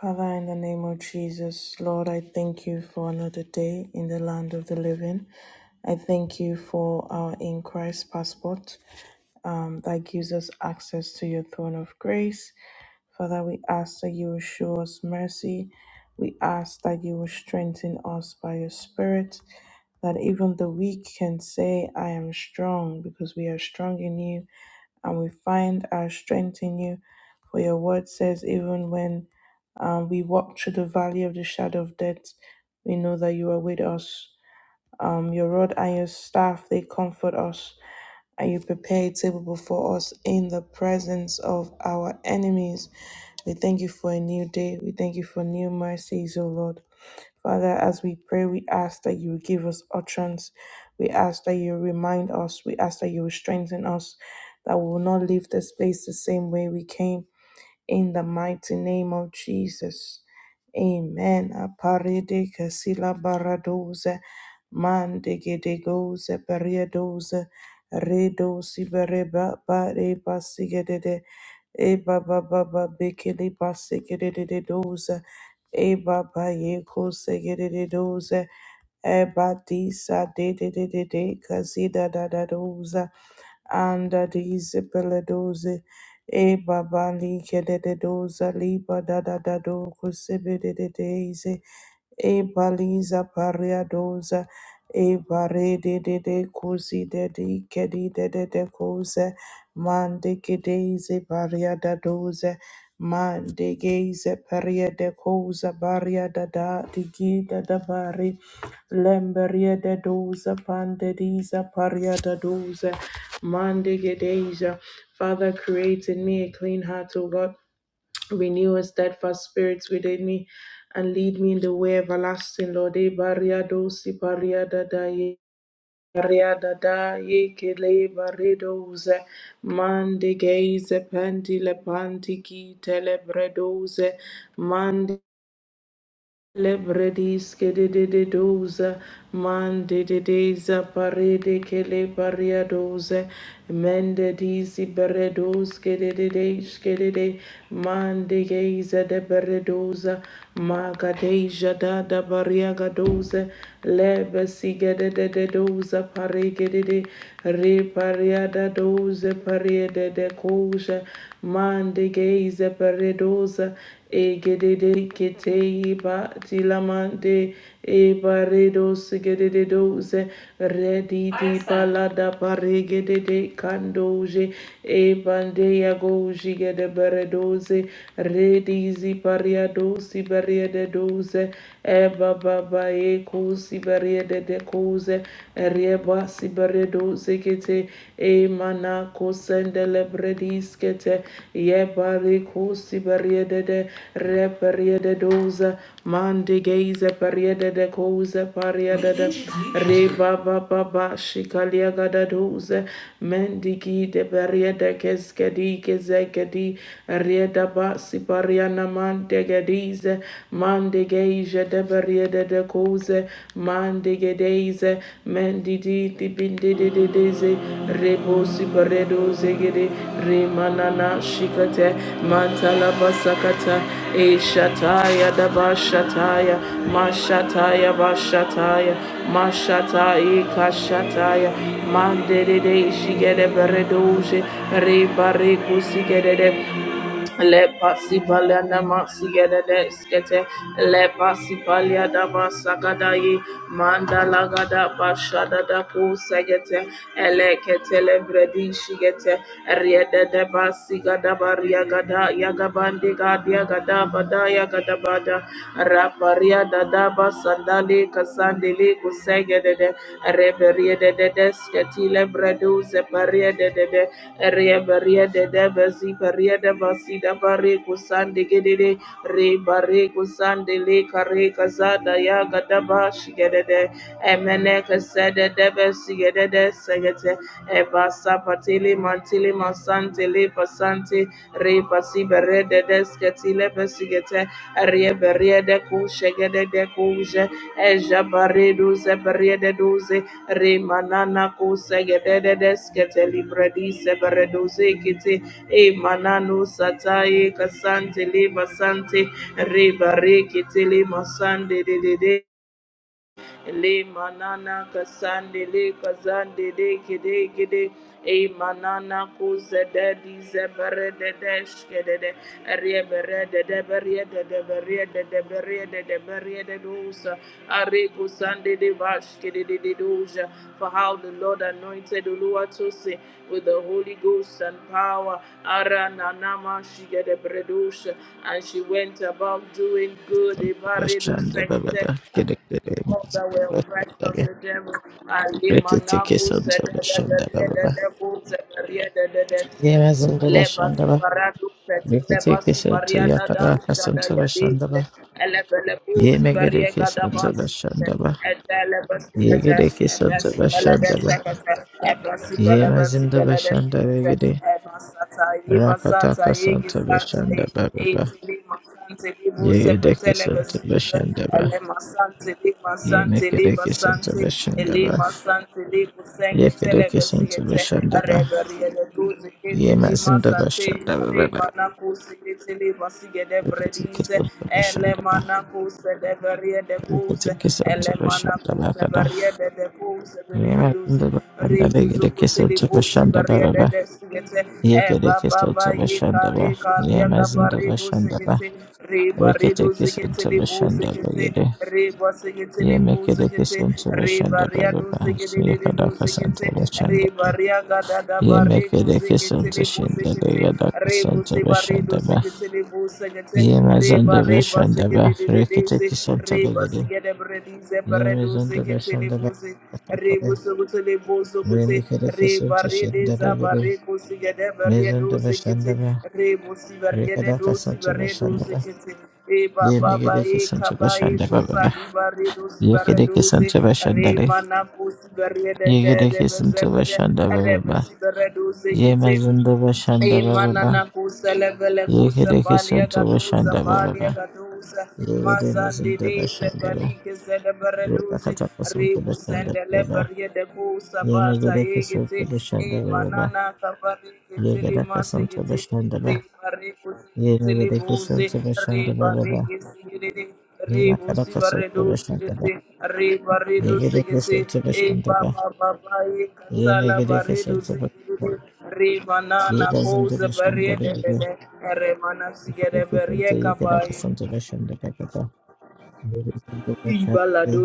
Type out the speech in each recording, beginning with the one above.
Father, in the name of Jesus, Lord, I thank you for another day in the land of the living. I thank you for our in Christ passport um, that gives us access to your throne of grace. Father, we ask that you will show us mercy. We ask that you will strengthen us by your Spirit, that even the weak can say, I am strong, because we are strong in you and we find our strength in you. For your word says, even when um, we walk through the valley of the shadow of death, we know that you are with us. Um, your rod and your staff, they comfort us. And you prepare a table before us in the presence of our enemies. We thank you for a new day. We thank you for new mercies, O Lord. Father, as we pray, we ask that you will give us utterance. We ask that you remind us. We ask that you will strengthen us, that we will not leave this place the same way we came in the mighty name of Jesus. Amen. Aparede casila baradoze, mandegedegoze, periadoze, redo sibereba, bareba sigedede, eba baba babekele basigedede doze, eba bayeko segedede doze, eba disa de de de de de casida da da doze anda dize peledoze e babali kedede kededoza liba da da da do kusebededeze e baliza pariadosa e bare de de de cosi de di kedi di de de de cose mande che deise pariada dose mande geze paria pariada cosa bariada da da di gida da bari lemberia de dosa pande disa pariada dose mande che Father create in me a clean heart O God Renew a steadfast spirit within me and lead me in the way everlasting, Lord. Eh, Bariado, si bariada da ye. Bariada da ye kele baredoze. Mande geize pendi le panti ki telebredoze. Mande Lebredis que de de de doze, man de de deza parede que le paria doze, mende dizi beredos que de de dez que de de, man de geza de beredosa, maga deja da da bariaga doze, lebe siga de de de doza parege de de, re pariada doze pariede de coja, man de geza beredosa, Egedede kete ba tilamande e sigedede doze redi di balada paregedede kandoje e ebande goji gede beredoze redi zi pariado si beriede doze eba baba eko e beriede de koze reba si beredoze kete Emana kosendele brediskete. Yebari kosi beriedede reperiede doza. Mande geize periede de koze pariede de. Reba baba ba shikalia gada doze. Mendigi de beriede keskedi kezekedi. Rieda ba sipariana mante gedize. Mande geije de beriede de de cose mande gedeze mendi di di binde de de deze rebosi beredo zegede remanana shikate matala basakata e shataya da bashataya mashataya bashataya mashatai kashataya mande de de shigede beredoje rebare kusigede Le pasi palia nama sigere de skete. Le pasi palia dama sagadayi. Manda lagada bashada da ku segete. Ele kete le bredi shigete. Riede de basi gada baria gada yagabandi gadia gada bada yagada bada. Raparia da da basandali kasandili kusegede de. Reberia de de de sketi le bredu separia de de de. Rebaria de Debasi, Paria de Basida Bareco Sande Gedede, Rebareco Sande Lake, Reca Zada Yaga Dabashi Gedede, Emeneca Sede Debesi Gedede Segete, Eva Sapatili Mantili Masante Lepa Sante, Repa Sibere de Descatile Besigete, Reberia de Cushegede de Cuge, Eja Baredu Zeberia de douze, Remanana kusegededes kete libredise beredoze kete e manano sataye kasante leba sante reba rekete le masande de de de Le manana kasande le kazande de kede kede. E manana kuse de di zebere de desh kede de. Arie bere de de bere de de bere de de bere de de bere de dosa. Are kusande de vash kede de de doja. For how the Lord anointed Uluwatosi with the Holy Ghost and power. Ara nanama she get a bredosha. And she went about doing good. Ebaredo Bashanda baba sekte ba kere kere of the oppressed bashanda of be the devil. Ali rekete manaku keson to sede the bashanda de baba the ba de the de the sede the de de de. yemezim de Lebas bashanda ba baradu peti rekete lebasi keson santo baria ya kara dada shada to yadi bashanda ba elebele busi yeme gere baria gada keson santo basi bashanda ba ete lebasi Ye pete yegere keson santo ebasi belede bashanda ba sekete ebasi Ye belebesi de belede bashanda be sekete gere ebasata yi rakata basata yi keson to gisata yi bashanda baba ba eti li masante li buse yegere pete keson santo lebesi pete bashanda ba ele masante li yeme masante gere Liba keson santo Santi, bashanda ba Elima Santi, Libu Ye Senge, yekere Telebe keson santo Sigete, bashanda ba Reberia de Guzi, Yeah, Kiti man, Lima send the Santi, shanda da da da. Rima Nakusi, Kiti Liba Sigede We can take it Bredise, on to the shanda. Elema Nakuse, de Beria de We can Guze, take it on to the Elema shanda da da Nakuse, da. Beria de de Guze, Yeah, man, send Beriduzi, the shanda. They Ribu get a kiss on Zukutili to the Busi, shanda da Beria da de da. de Sigete, Yeah, get a Eba kiss on to the Baba shanda da. Re Yeah, kalia man, send the kabare bo shanda da. sekete re We bare can do take it on sekete to le the bo shanda da sekete re bo sekete le Yeah, bo make it a kiss sekete on to the re shanda bare da ya do So sekete you le le can do duck us on sekete to the re shanda da. bare ya ga da da Yeah, make bare it ko a kiss on sekete to le bo shanda da. You can duck re on bo to se the bare do shanda da. sekete le bo Yeah, man, re send the bare ba shanda da. sekete le le We can de take se it on to re the ba get it. sekete bre di se bare do Mizonda sekete le Bashanda bo Bakatapare, Rebo sokoto lebo sokote. Remikere Reba Kisunto rede zaba Shandaregere, reko sigede barie do Mizonda sekete. Bashandaba, Rebo sibariede Rekada do Kasanta sibare do Bashandaba, sekete. Eba baba Yemigere e Kisunto kaba e Bashandaba kusa Baba, libare do sibare Yekere doze. Kisunto Bashandale, Reba na kusi bariede de Yegere de Kisunto mezebere. Bashandaba Rebe Baba, sibare do sekete. Yemazunda Bashandaba Imanana Baba, kusa levele kusa Yekere palia Kisunto gaduza Bashandaba palia Baba, gaduza Yegere mazandi Mizunda dize Bashandaba, kalike zede bereduzi Rekata Kasunto ribu Bashandaba sende Baba, leberie de kusa bata Yemigere yigiti Kisunto Bashandaba Baba, imanana kabari kitili Yegere Kasunto giti Bashandaba, bari bari Yegedeke sotsebe bari bari de de. shandababa. de se Yemakadaka sotsebe shandaba. Yegedeke sotsebe shandaba. Yemegedeke sotsebe shandaba. Yegazinduke shandabebe. Yegedeke sotsebe yegadaka sotsebe shandababa. Yegazinduke shandabebe.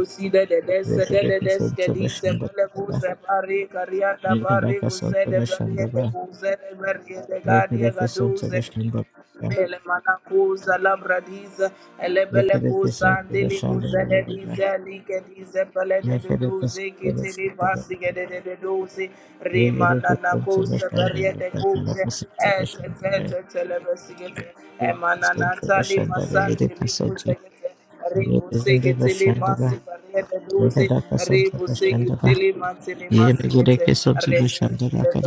de. de Yegedeke de. se sotsebe di se bele bu shandababa. se bari karia da bari Yegadaka bu se de sotsebe bari de shandaba. bu se de. bari de gadi e Yegedeke gadu se sotsebe Rebana shandababa. Yegedeke sotsebe shandababa. Ele manakuza labradiza, ele bele kuza ndili kuze de dize, like dize bele de Yegedeke duduzi, sotsebe kitili shandababa. basi gede de duduzi, rima Yegere nana kuza berie de kuze, et et et et ele besi gete, emana natali masanti li kuze gete, Ribu sigi tili masi parie de duzi, ribu sigi tili matili masi gete, ribu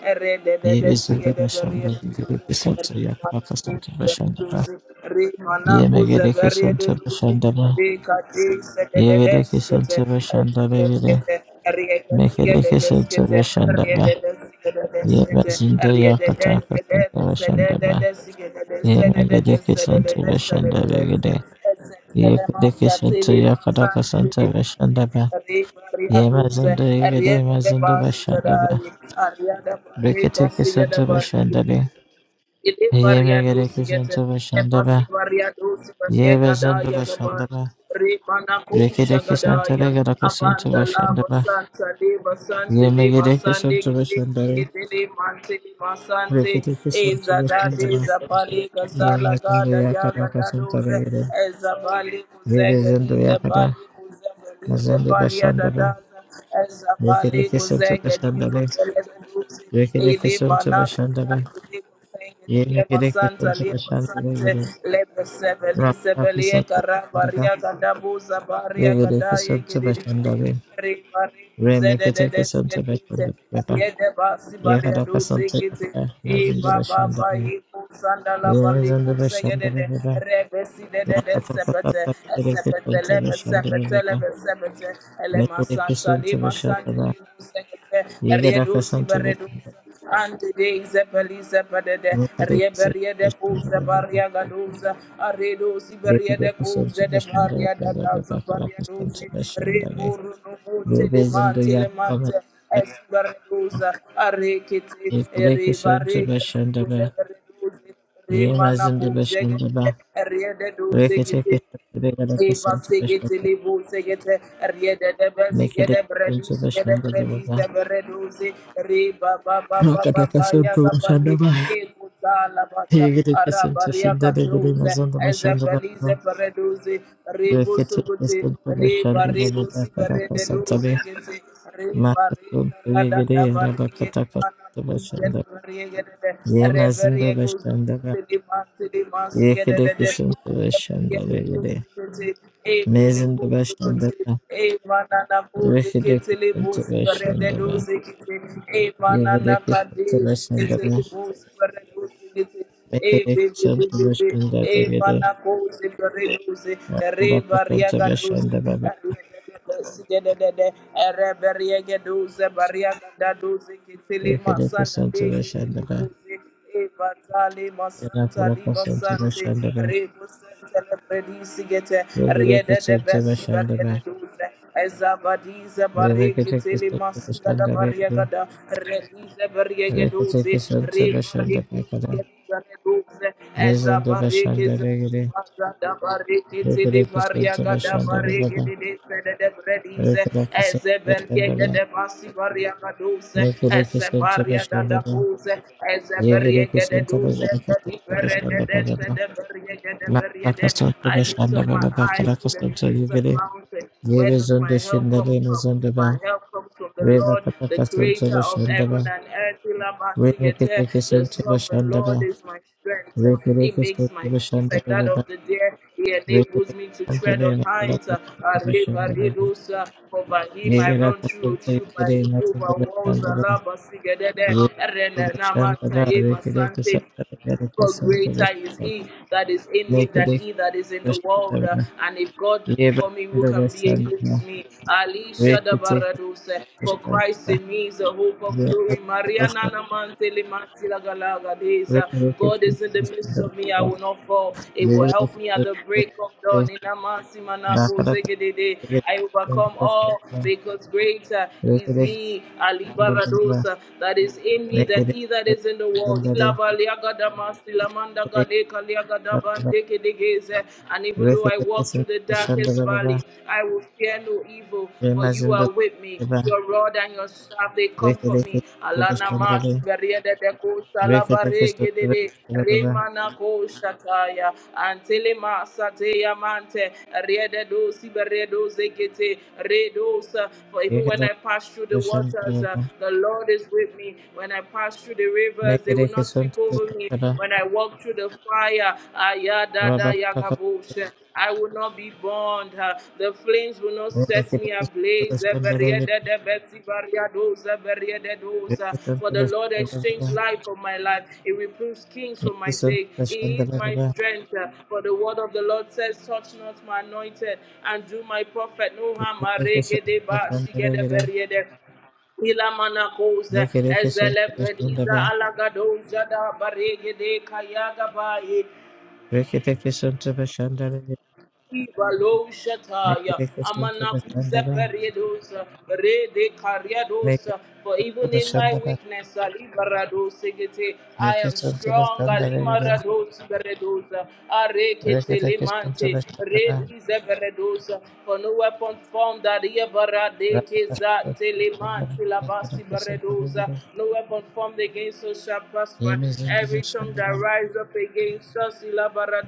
sigi de berie de duduzi, Rimana Kuzaberia de Luzi, Ricati, Sededes, Gete, Gete, Riedesia de Mekedeke Santa Geskete, Vashandaba, Riedesia de Desete, Yebazinde Riedesia Yakataka Santa de Vashandaba, Sededesia de Yemegede Sededes, kesente Sededes, beshende begede. Sededes, Yekede kesente Sedemasatili, yakada kesente Masantili. beshende be. Maria Duza, Yemezinde yegede Ariana de yemezinde Bas, beshende be. Ariana Maria Brekete Casilla kesente beshende be. Ele varia Yemegede doce gete. kesente E beshende be. passi varia doce varia Yemezinde gadaya beshende gabar. be. Rimana Brekete kusha kesente gadaya. legede kesente Abanda beshende lava be. santa leva sante leva Yemegede kesente sande beshende be. Gedele mante masante Brekete kesente eza beshende dade be. eza pale gazala Yemezinde gada yakada yaga kesente dadoze legede. eza bali kuzege Yemezinde dize yakada. bali kuzege dize Mezinde bali beshende be. adadaza eza bali Resurrection to the kuzege dize Shandaba, bele duzi ili Resurrection to the manaka Shandaba, Ile Resurrection to masanta the lia masante Shandaba, lebre sebe li sebe lie Rapakison to karaba the Shandaba, ria kadabu zabaria kadaye Resurrection to the kididi Shandaba, Remekitation to the Shandaba, riede basi baria du Yeradakasan to zikiti the i Nazin to the baba Shandaba, yiku sanda Yerazan baliku to the segede de Shandaba, rebe si sepete Rapakasata, sepete Resurrection to the Shandaba, Resurrection to the lebe Shandaba, Yeradakasan to the Shandaba, sepete lebe sepete ele masanta li masante li sekete riedu si Ante de zepeli zepedede, Resurrection to rieberie the de cousa Shandaba, baria gadosa, aredo siberia Rebebe de kusonto cousa de bashandale baria da rebebe daza bakala baria kusonto dosi, bashandale reburu no rebe teleman zindu yakama telemante, esbaredosa, arekete, ifure kusonto erebarega, bashandaba redosi, yema remana zindu cousa, bashandaba riede rekete dosi kusonto begala Eva kusonto segete bashandaba lebo segete riede de be nekede segete bredi kusonto segete bashandaba bredi baba se breduzi riba ba ba ba ba wakata ba ba ya kusonto gabangi bashandaba ekuta la bata yegede kusonto arabaria shindale gede katuze mazonto bashandaba baba ezebelize breduzi ribu rekete suguti kusonto riba bashandaba ribu baba si kada kusonto be breduzi gete ma riba riba kusonto rada yegede da barike rabakata mana kusonto Yada bariye gede de, Ye re mazindo bariye kuzu bashandaba. kuzu di masi di Ye kede kisunto bashandaba Rebariagados, gede. Mezindo bashandaba. Ye kede kisunto bashandaba. Ye kede kisunto bashandaba. Ye kede kisunto bashandaba gede. Akala kasunto bashandaba. Sigedede, Ereberiege Duze, Bariagada Duze, Kitili Ye kede Masanda kisunto De, Kitili bashandaba. Buzi, Evatali Ye Masanta akala Liba kasunto Santi, bashandaba. Rebo Santa Lebredi Sigete, Ye kede kisunto bashandaba. Ye kede Riede de kisunto Bessi, bashandaba gede. Bariede Ye Duze, Ezabadize, Bari, Kitili Masanda Bariagada, Redize, Bariege kede Duze, kisunto bashandaba Rebo kala. I lift up Mezindo my bashandaba gede. Rekere eyes to the hills and mountains. Where does my help come from? My help comes from the Lord, the creator of heaven and earth. Ilabasigete, The sovereign Lord is my strength. He makes my feet like that of the deer. He enables me to tread on heights. Arribaridosa, For by him I run through a troop. I leap over walls. Alabasigedede, Shanta ba Erenenamataye reke reke masante. shanta reke reke For shanta ba greater is shanta he that is in me reke than reke he that is in ba the shanta world. Uh, ba and if God ye be ba for me, who shanta can ba be shanta ba against me? Ali reke reke Shadabaraduse. ba For shanta Christ ba in me is the hope of ye ba glory. shanta ba Mariana shanta Namantele Mantilagalagadeza. reke reke God is in the midst shanta ba of me. I will not fall. It ye ba will help me shanta at the ba break of shanta dawn. Inamasi ba manako kara kara zegedede. reke I shanta overcome ba shanta ba reke reke shanta ba reke reke all because greater is he, Ali Baradosa, that is in me than he that is in in the world. Ilaba liagadama silamanda galeka liagadabandekedegeze. And even though I walk through the darkest valley, I will fear no evil, for you are with me. Your rod and your staff, they comfort me. Rekete Alana mati shandale, beriede de kosa rekete sotebe de shandala, Remana kosa And Antele masa teya mante. Riede dosi beredo zekete. Redosa. For even when rekete I pass through the waters, uh, shandala, the Lord is with is with me. When I pass through the rivers, they will nekete not sweep sotebe over me. shandala, When I walk through the fire, ayadada raba paka, yagabosha, I will not be burned. uh, The flames will not set me rekete ablaze. sotebe eh, shandale, beriedede beti bariadoza, beriededoza. rekete For the sotebe Lord shandala, exchanged life for my life. He reproves kings for nekete my sake. sotebe He is my shandala, strength. uh, For the word of the Lord says, Touch not my anointed and do my prophet no harm. rekete sotebe Aregedeba, shandale, shigedeberiede. Ilamanakoze, nekete sotebe shandala, rekete sotebe shandale, nekete sotebe shandala, nekete sotebe Ezelebrediza Alagadoza da Baregede Kayaga Baye, Ibalo Shataya, Amanakuze Periedosa, Rede Kariadosa, for even in my shandala, weakness, Alibarado Segete, I nekete am sotebe strong, shandale, Alimarados Beredosa, Arekete Rekete kestim Lemante, çalıştırdı. Redize Jesus. for no weapon formed that Rakataştı Yebaradekeza Teleman çalıştırdım. Tilabasi Rakataştı Baredosa, çalıştırdı. no weapon formed against us shall prosper. Elimizin Every tongue that dönüşündüler. rises up against us,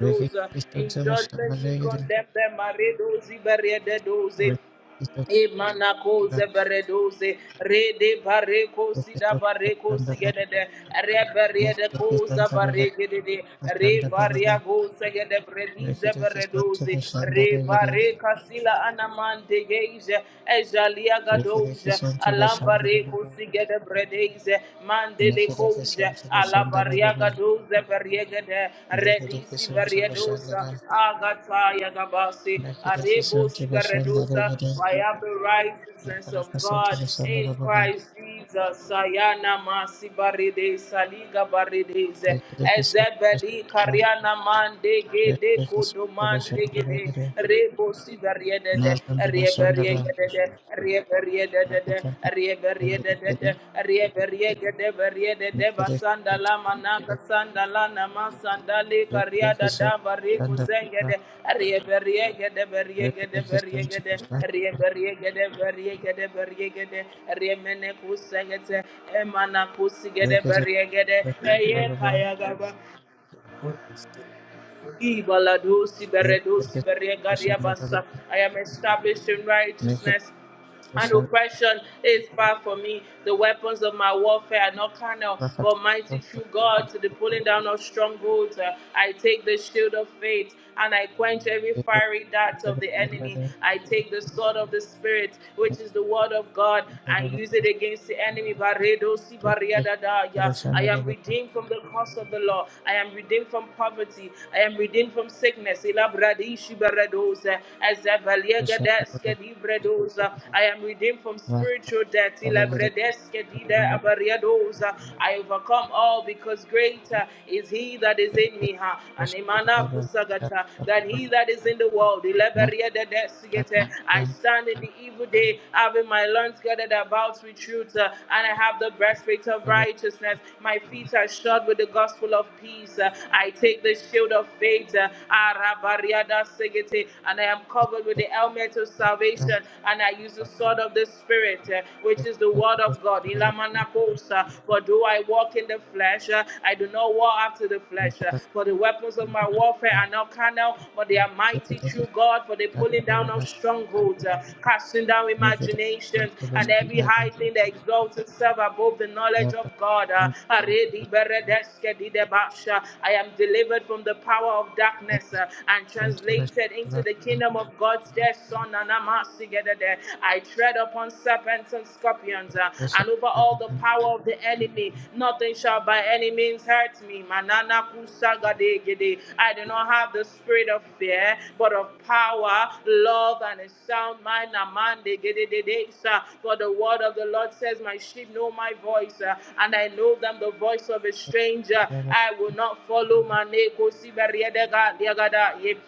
Rekete kestim in judgment çalıştırdı. we Rekete condemn them, Maredosi Baredosa, kestim Imanako çalıştırdı. zeberedoze rede bareko sida bareko sigedede reberiede Rekete ko kestim çalıştırdı. Rekete kestim çalıştırdı. zabaregedede re bariago segede bredi Rekete kestim çalıştırdı. Rekete kestim çalıştırdı. Rekete kestim zeberedoze re bareka sila anamante geize ejalia çalıştırdı. Rekete gadoze alabareko sigede bredeize mandele koze doze zebariegede redisi variedosa agataya gabasi arebosi kestim beredosa çalıştırdı. I have the Make righteousness of God in Christ Jesus sayana masi baride saliga barideze ezebeli kariana mande gede kodomande gede rebosi variedede I am established in righteousness and oppression is far from me. The weapons of my warfare are not carnal, but mighty through God to the pulling down of strongholds. Uh, I take the shield of faith and I quench every fiery dart of the enemy. I take the sword of the Spirit, which is the it word of God, and Thank use it against the enemy. Baredo si bariadada, yeah. I am redeemed from the curse of the law. I am redeemed from poverty. I am redeemed from sickness. Elabradi shi baredos, uh, di Bredosa. I am redeemed from spiritual death. I overcome all because greater is he that is in me ha than he that is in the world. I stand in the evil day, having my loins gathered about with truth, uh, and I have the breastplate of righteousness. My feet are shod with the gospel of peace. Uh, I take the shield of faith. uh, And I am covered with the helmet of salvation, and I use the sword of the Spirit, uh, which is the word of God. Ilamanakosa. For though I walk in the flesh, uh, I do not war after the flesh. uh, For the weapons of my warfare are not carnal, but they are mighty through God, for the pulling down of strongholds, uh, casting down imaginations, and every high thing that exalts itself above the knowledge of God. uh, I am delivered from the power of darkness uh, and translated into the the kingdom of God's dear son. And I'm asking you I tread upon serpents and scorpions uh, and over all the power of the enemy. Nothing shall by any means hurt me. Manana kusagadegede. I do not have the spirit of fear, but of power, love, and a sound mind. Amandegedede. Sir, For the word of the Lord says, My sheep know my voice, uh, and I know them the voice of a stranger. I will not follow. Maneko sibariedega- diagada.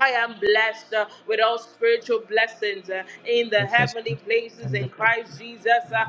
I am blessed uh, with all spiritual blessings uh, in the heavenly places in Christ Jesus. uh,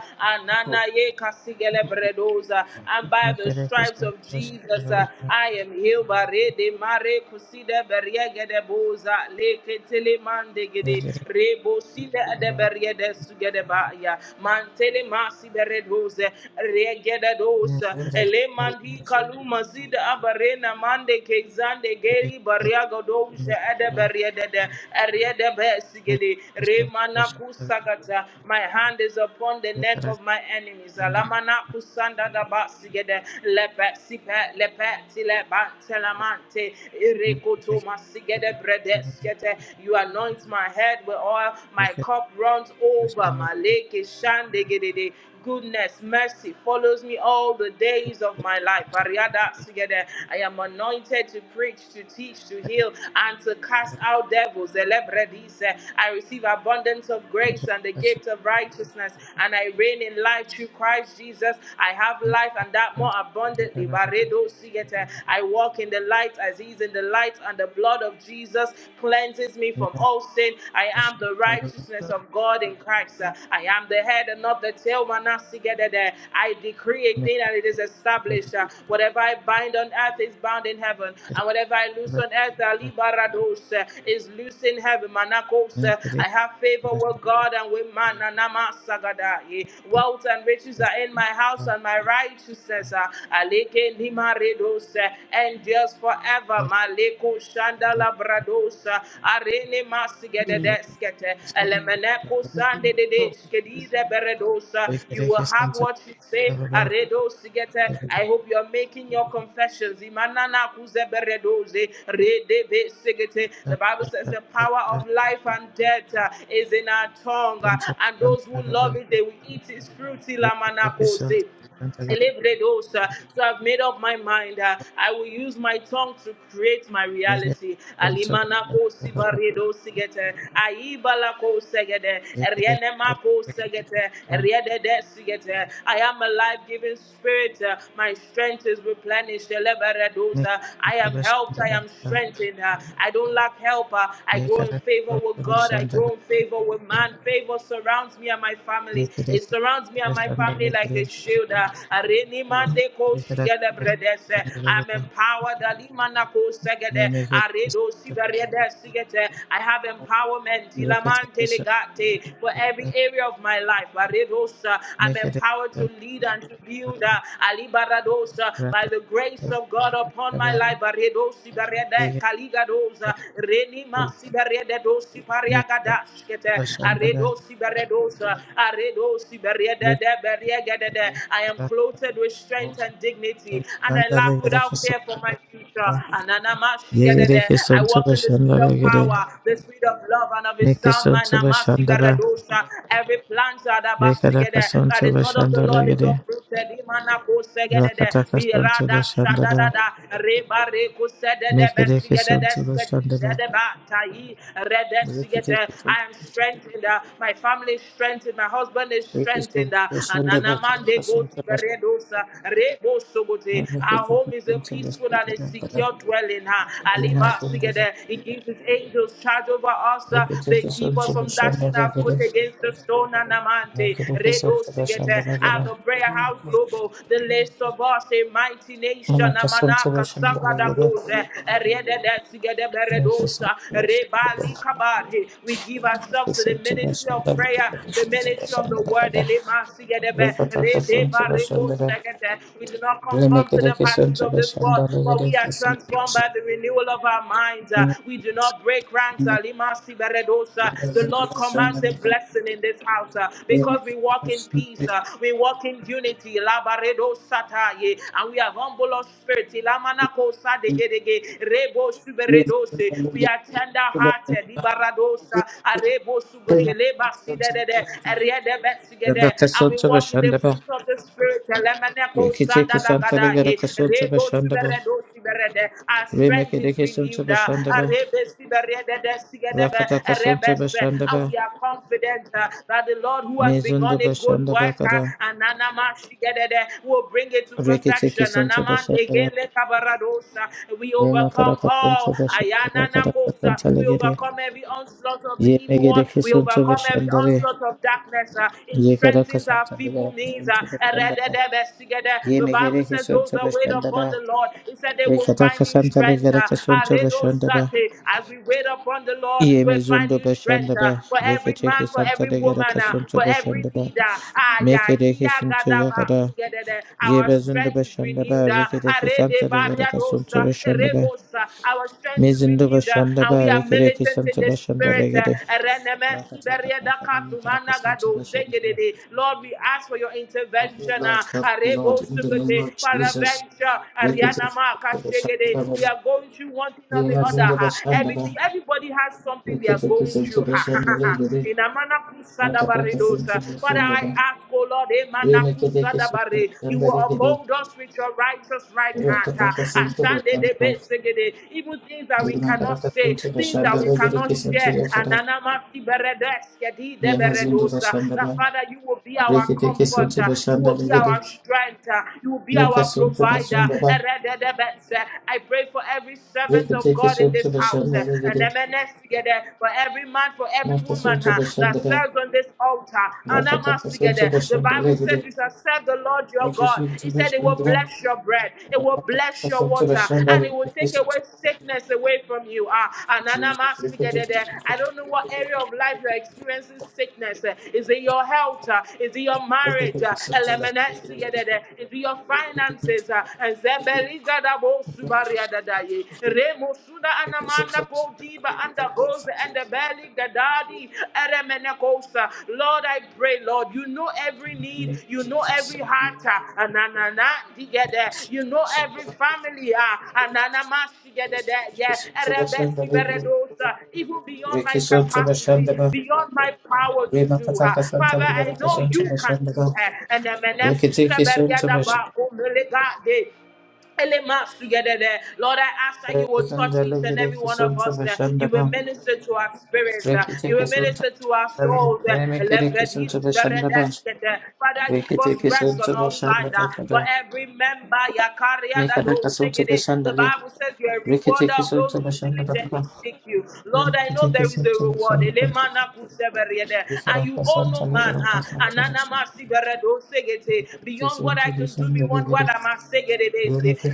you. Anana ye kasigele Thank bredoza. And by the stripes of Jesus, uh, I am healed. Bare de mare kuside beriege de boza. Leke tele mande gede. Rebo sile de berie de sugede ba ya. Mantele masi beredoze. Rege de dosa. Ele mandi kaluma zide abarena mande kezande geri bariaga doze ede beriedede eriede besigede remana kusagata my hand is upon the neck of my enemies alamana kusanda basigede lepe sipe lepe tile bantelamante irekoto masigede bredeskete you anoint my head with oil my cup runs over maleke shandegede goodness mercy follows me all the days of my life Ariada together i am anointed anointed to preach, to teach, to heal, and to cast out devils. Elebredis. I receive abundance of grace and the gift of righteousness, and I reign in life through Christ Jesus. I have life and that more abundantly. Baredo sigete. I walk in the light as He's in the light, and the blood of Jesus cleanses me from all sin. I am the righteousness of God in Christ. I am the head and not the tail. Manasigedede. I decree a thing and it is established. Whatever I bind bind on earth is bound in heaven, and whatever I loose on earth, uh, liberados, uh, is loose in heaven. Manakos, uh, I have favor with God and with man. and Nama sagada, eh. Wealth and riches are in my house, and my righteousness uh, aleke nimaredos, uh, endures forever. you. Maleko Make shandalabrados, uh, arene masigededeskete, elemeneko sandededeskedideberedos, uh, You will have what you say. Aredosigete. I hope hope you are making your confessions. The Bible says the power of life and death uh, is in our tongue, uh, and those who love it, they will eat its fruit. uh, So I've made up my mind. uh, I will use my tongue to create my reality. I am a life-giving spirit. uh, My strength is replenished. Elebaradoza. I am helped. I am strengthened. uh, I don't lack help. uh, I grow in favor with God. I grow in favor with man. Favor surrounds me and my family. It surrounds me and my family like a shield. uh, Areni mande ko shigede bredese. I'm empowered. Alimana ko segede. Aredo siverede sigete. I have empowerment. Ilamante For it every area of my life. Aredosa. I'm make it a empowered power to lead and to build. rapid Ali Alibarados, uh, by the grace of God upon my life. Baredos, Ibarede, dig Kaligados, Reni Renima, Sibaredos, make up Ipariagadas, Kete, Shandala Aredos, Ibaredos, uh, Aredos, Ibarede, I am clothed with strength and dignity, and I laugh without fear for my future. Yere Ananamashigedede. I Kisonto walk in the spirit Bashandala of Gede, power, the spirit of love, and of his son. Nikisonto Bashandaba, Manamasibaredosa. Every plant that Rekadaka sigede, that Sonto is not of the Bashandala Lord is Gede, uprooted. Imana Imanako segedede, Rakataka we Sonto rada Bashandaba, shadadada, reba reko sedede, Mikede besigedede, Kisonto Bashandaba, skedidede ba tayi, rede Rikide sigete. Kisonto I am strengthened, uh, my family is strengthened, my husband is strengthened. uh, Bashandaba, Ananamande Kasonto goti veredosa, rebo sogote. Bashandaba, Our Mikide home is a Kisonto peaceful and a Bashandaba, secure dwelling. uh, make Aliba sigede, He gives his angels charge over us. uh, it They keep us from dashing our foot against the stone. Dona Namante, Redo Sigete, out of Prayer House Global, the list of us, a mighty nation, Amanaka Sanga da Goze, Rede Sigede Beredosa, Rebali Kabari. We give ourselves to the ministry of prayer, the ministry of the word, Elema Sigede Be, Rebe Segete. We do not Thank conform to the patterns of this world, but we are transformed by the renewal of our minds. Uh, We do not break ranks, Alima Siberedosa. The Lord commands commands a blessing in this house uh, because we walk in peace, uh, we walk in unity. Labaredo sataye, and we have humble our spirit. Ilamanako sadegedege, rebo suberedose. We are tender hearted. you. Ibaradosa, arebo Rebecca sugoteleba sidedede, eriedebetsigede. And we Santa walk in the Bashandaba, fruit of the spirit. Elemeneko Rikitiki Santa sandadagadaye, Legaraka Santa rebo Bashandaba, suberedo siberede. Our Remake strength is Santa renewed. uh, Bashandaba, arebe siberede, Rakataka Santa and Bashandaba, we are confident uh, that the Lord who has Mizundo begun a good Bashandaba work uh, Kada, and Anama Shigedede, will bring it to perfection. Rikitiki Santa Bashandaba, Anamandegele Kabaradosa. We overcome Remakadaka all. Santa Bashandaba, Kadaka Ayananakosa. Santa We Legere, overcome every onslaught of the Ye evil one. Megedeki We Santa overcome every Bashandare, onslaught of darkness. uh, It Ye Kadaka strengthens our Santa feeble Legaraka knees. uh, Santa Bashandaba, Erededebestigede. Ye The Bible Megedeki says those Santa that wait upon Bashandaba, the Lord, He said they will find Rikataka new Santa strength. uh, Legaraka Santa Bashandaba, As we wait upon upon the Lord Ye will find mezundo new strength bashanda uh, ba for every man, reketeke for santa every legada woman, uh, kasunto for every bashanda ba leader. Ah, yeah, mekedeke yeah, sinto gadaba, yagada sigedede. ye Our bezundo strength is bashanda ba renewed. uh, reketeke santa arede legada kasunto bariadosa, bashanda ba erebosa. Our strength is mezundo renewed, uh, bashanda and we ba are reketeke militant in santa the bashanda spirit. uh, legade ereneme, rakataka siberieda, santa legada kadumana, kasunto gado, bashanda ba zegedede. Lord, we ask for your help me intervention. uh, Lord help me Lord arebo, in the name sugete, of Jesus paraventure, reketeke arianama, santa bashanda kashegede. ba We ba. are going through one thing or ye the other mezundo ha. bashanda Everything, ba everybody has something they are reketeke going santa through. Ha ha bashanda ha ha. legade In Amana rakataka santa Kusadabaredosa. Father, bashanda ba I ask, O Lord, Emana Rene Kedeke Sutra Kusadabare, you Shanda will Regede, uphold us with your righteous right hand. Ha. Rakataka Sutra Ashande de Shanda, Besegede. Even things that we cannot Lunakaraka say, Sutra things that Shanda we cannot Regede Sutra share. And Yakara, Anama Tiberedeskedi Yamazindu Deberedosa. That Vashanda, Father, you will be our Rekiteke comforter, Sutra you Shanda will be our Regede, strength, you will be Nika our Sutra provider. Shanda, ba I pray for every every re servant of kede ke God in Sutra this house, Shanda uh, and Regede, MNS together, for every man, for every Naka woman Sutra uh, that Shanda, serves on this altar, and I'm us Rakataka together. Sutra The Shanda Bible says, Regede, You shall serve the Lord your Naka God. He Sutra said, It will Shanda, bless your bread, it will Rakataka bless your Sutra water, Shanda and it will Regede, take away Sutra sickness away from you. Uh, and I'm us Jesus, together. Rekiteke there. I don't know what area of life you're experiencing sickness. uh, Is it your health? uh, Is it your marriage? uh, Sutra Elements Shanda together. there. Is it your finances? uh, Regede, And Rekete ko kisun subaria dadaye. Remo suna anamanda ko diba anda rose and the belly gadadi eremene kosa. Lord, I pray, Lord, you know every need, you know every heart, ah, ananana digede, you know every family, ah, anana masigede de, yeah, erebe siberedosa, even beyond my capacity, beyond my power to do. ah. Father, I know you can do her. And the meneku seberia daba omelega de, Elemasugedede. Lord, I ask that you will touch each and every one of us. That you will minister to our spirits. uh, You will minister to our souls. uh, Elebredisperedeskete. Father, give us rest on all sides. uh, For every member, ya carrier that those Yakariadadosegede. the Bible says you are a rewarder of to those who bashanda bakaba, diligently seek you. Lord, I know Rekete there is kesem, a sota reward. şandalye, Elemanakuseberiede. And rekete you owe no man. huh? Ananamasiberedosegete beyond what I can do, beyond what I must say,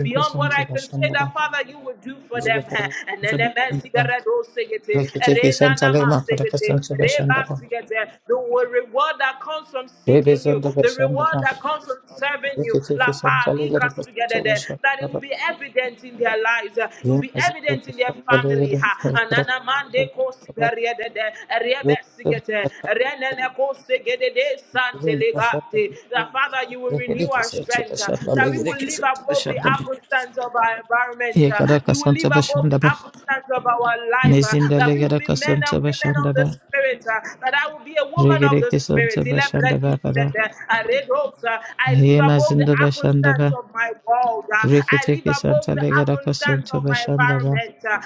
beyond what I can say that Father you will do for them. And then the mercy that I do, say it. kesem, Rena sota Nama say it. Reba şandalye. say it. the reward that comes from seeking you, the reward that comes from serving you, La Fali together there, that it will be evident in their lives, uh, it will be evident in their family. ha. Anana mande kosi beriedede, eriebe sigete, that Father, you will renew our strength. uh, That we will live above the apple of our environment. uh, Yekara We will live kasanta above the bashandaba. apple of our life. uh, Mezinda That we will legara be men and kasanta women of the bashandaba. Spirit. uh, That I will be a woman of Regere the Spirit. kesanta bashandaba kara. I live Ye above the mazinda apple bashandaba. of my world. uh, I Rekete live above kesanta the legara apple kasanta of my bashandaba. environment. uh,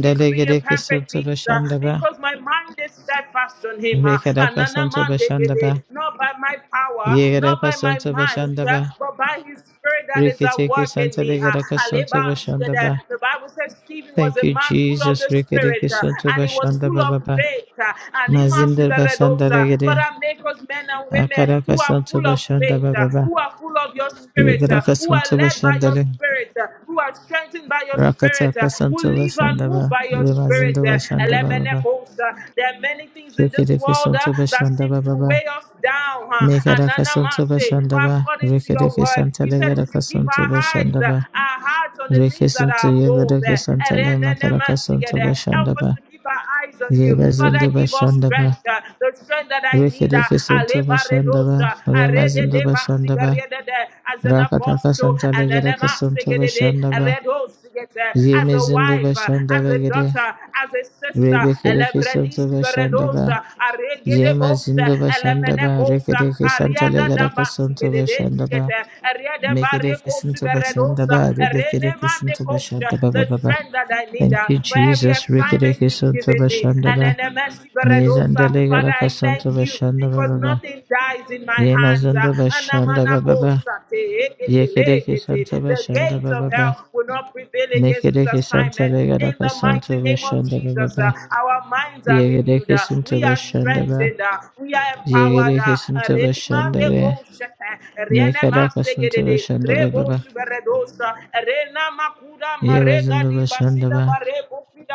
he gives me a legere perfect kesanta peace uh, bashandaba. because my mind is steadfast on him. uh, Rekara Anana kasanta mande bashandaba. gede. Not by my power, Yegara not by my kasanta mind, uh, bashandaba. but by his spirit that is at Rekete work in kesanta me. legara uh, kasanta Aleba sigede. bashandaba. The Bible says Stephen was Thank a you, man full of Jesus. the Rekere spirit uh, kesanta and he was full bashandaba of baba. faith. uh, And he must be Mazinda read bashandaba also. regere. Father, make us men and women Akara who are kasanta full of faith, bashandaba uh, baba. who are full of your spirit, uh, Yegaraka who are Sunto led by your Bashandale, spirit, Spirit, uh, who are strengthened by your Spirit, uh, Rakataka who Sunto live and move Bashandaba, by your Spirit. Remazindo uh, Bashandaba Baba, Elemenekos, uh, There are many things in this Rikidiki world uh, Sunto that seems Bashandaba to Baba, weigh us down. uh, Megaraka Sunto Ananamase, But Bashandaba, according to your Rikidiki word, you Santale said we Garaka should keep Sunto our eyes, uh, Bashandaba, our hearts on the things that Rikisunto are above. Yegaraka uh, Santale Makaraka Sunto Erenenemasigedehe. Help us Bashandaba, to keep our eyes on you. Father, Yebazindo give us Bashandaba, strength, uh, the strength that I need. uh, Rikidiki Sunto Alebaredos, Bashandaba, uh, Remazindo Arededebasigedehe Bashandaba, as an Rakataka apostle, Santale and an Garaka Sunto emasigede, a Bashandaba, red horse as a Yemizindo wife, uh, as a Bashandale daughter, as a sister, Rebekereke Santo elebredisi Bashandaba, beredosa, aregede Yema bosa, Zindo elemene Bashandaba, kosa, Rekereke Santa ariada Legaraka Santo dabasigede, Bashandaba, skete, ariada Mekereke barrekosu Santo beredosa, Bashandaba, erene Rebekereke mande Santo kosa, Bashandaba the Baba. strength that I need Thank uh, you, for every Jesus. assignment Rekereke you've Santo given me, and Bashandaba, an emesi Mezanda beredosa, Father, Legaraka I Santo thank you Bashandaba because Baba, nothing dies in my Yema hands. Uh, Zindo Bashandaba Baba, Anamanakosate, Yekereke eketelegete. Santo The gates Bashandaba of Baba, hell will not prevail against this Mekereke Santa assignment. In Legaraka the mighty Santo name of Bashandaba Jesus, uh, Baba, our minds are renewed. Yekereke uh, Santo We are Bashandaba. strengthened. uh, We are empowered. Yegere uh, kesinti bashandale. Relimandekosete, Mekara kasinti Renemasegedede, bashanda baba. Rebosuberedosa, Renamakuda Marega Yebazinda di bashanda Basida ba. Barego Fida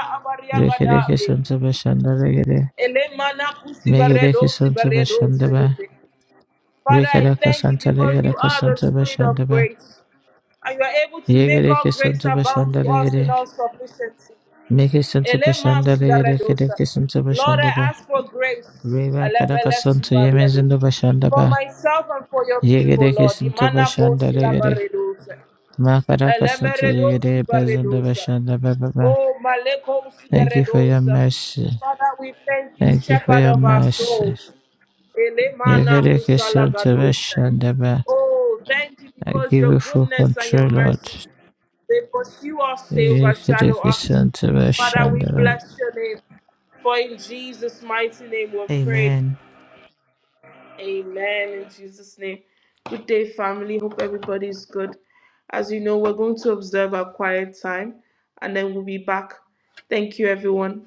Rekere Abariagada. ye. kesinti bashandale gere. Elemana Megere kusibaredo kesinti sibaredo bashanda ba. segete. Father, I Rekara thank you kasinti because legere you are the kesinti spirit of bashanda ba. grace. And you are able to make Yegere all grace kesinti abound to bashandale us in gere. all sufficiency. Meke sinti Elema bashandale gere kere sibaredosa. kesinti Lord, bashanda I ba. ask for grace. Reba kara Elebele kasinti sibaredo. yemezinda bashanda For ba. myself and for your people, Yegere Lord. kesinti Imana bashandale gere. kosilabaredosa. Makara kasinti Elemeredosi yegere bezinda baredosa. bashanda ba ba ba. Oh, Malekosi Thank you for your baredosa. mercy. Father, we thank you, Thank you for shepherd your of our mercy. souls. Elemana Yekereke kusala sonte gadosa. beshandaba. Oh, thank you I because give your you full goodness and control, your Lord. mercy, they pursue us, they overshadow Yekereke us. sonte Father, we beshandaba. bless your name. For in Jesus' mighty name we pray. Amen. Amen in Jesus' name. Good day, family. Hope everybody's good. As you know, we're going to observe our quiet time and then we'll be back. Thank you, everyone.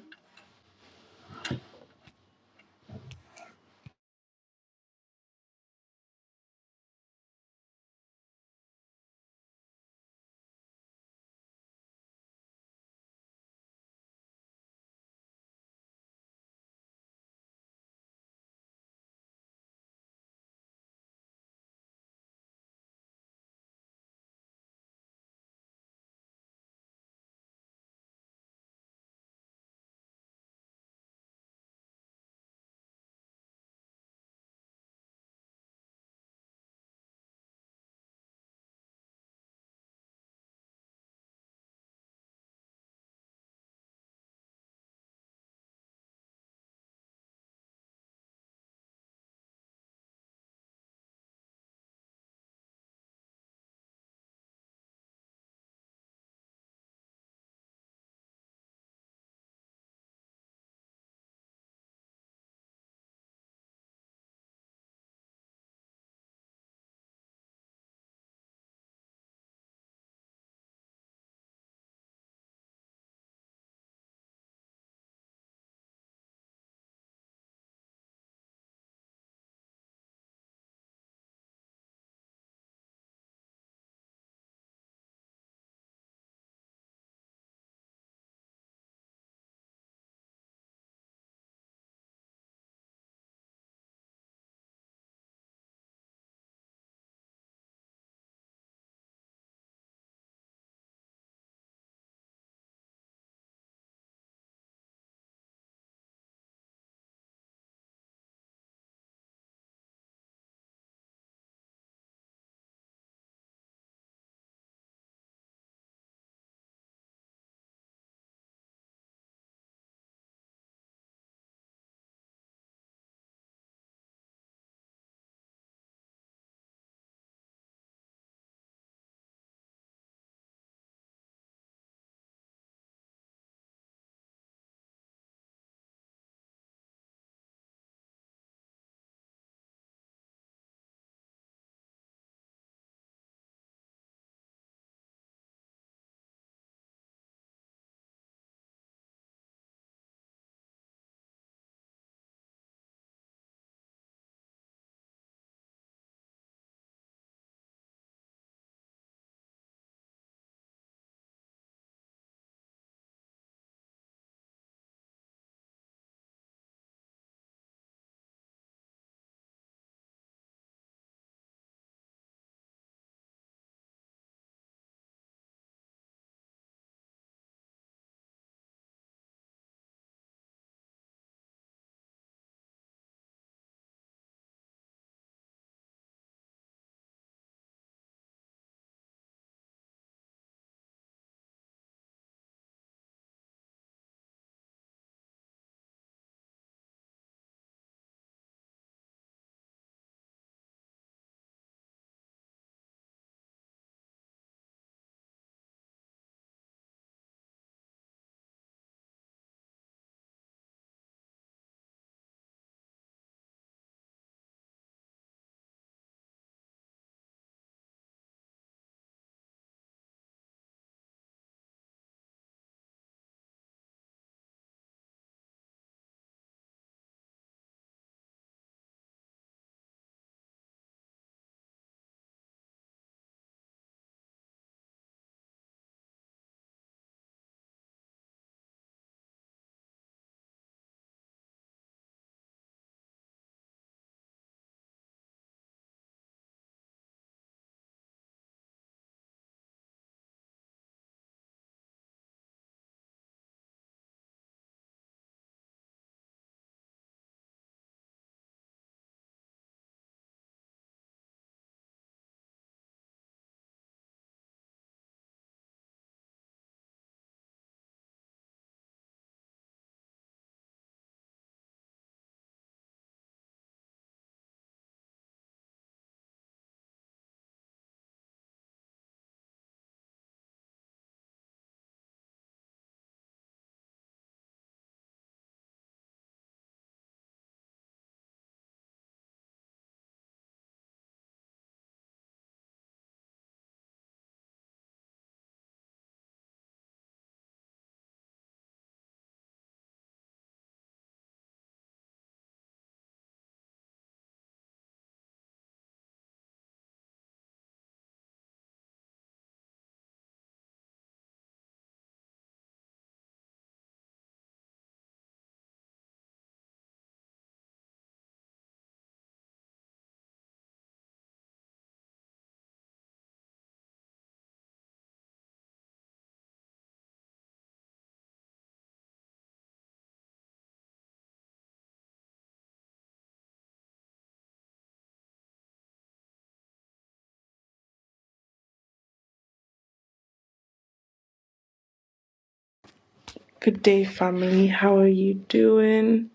Good day, family. How are you doing?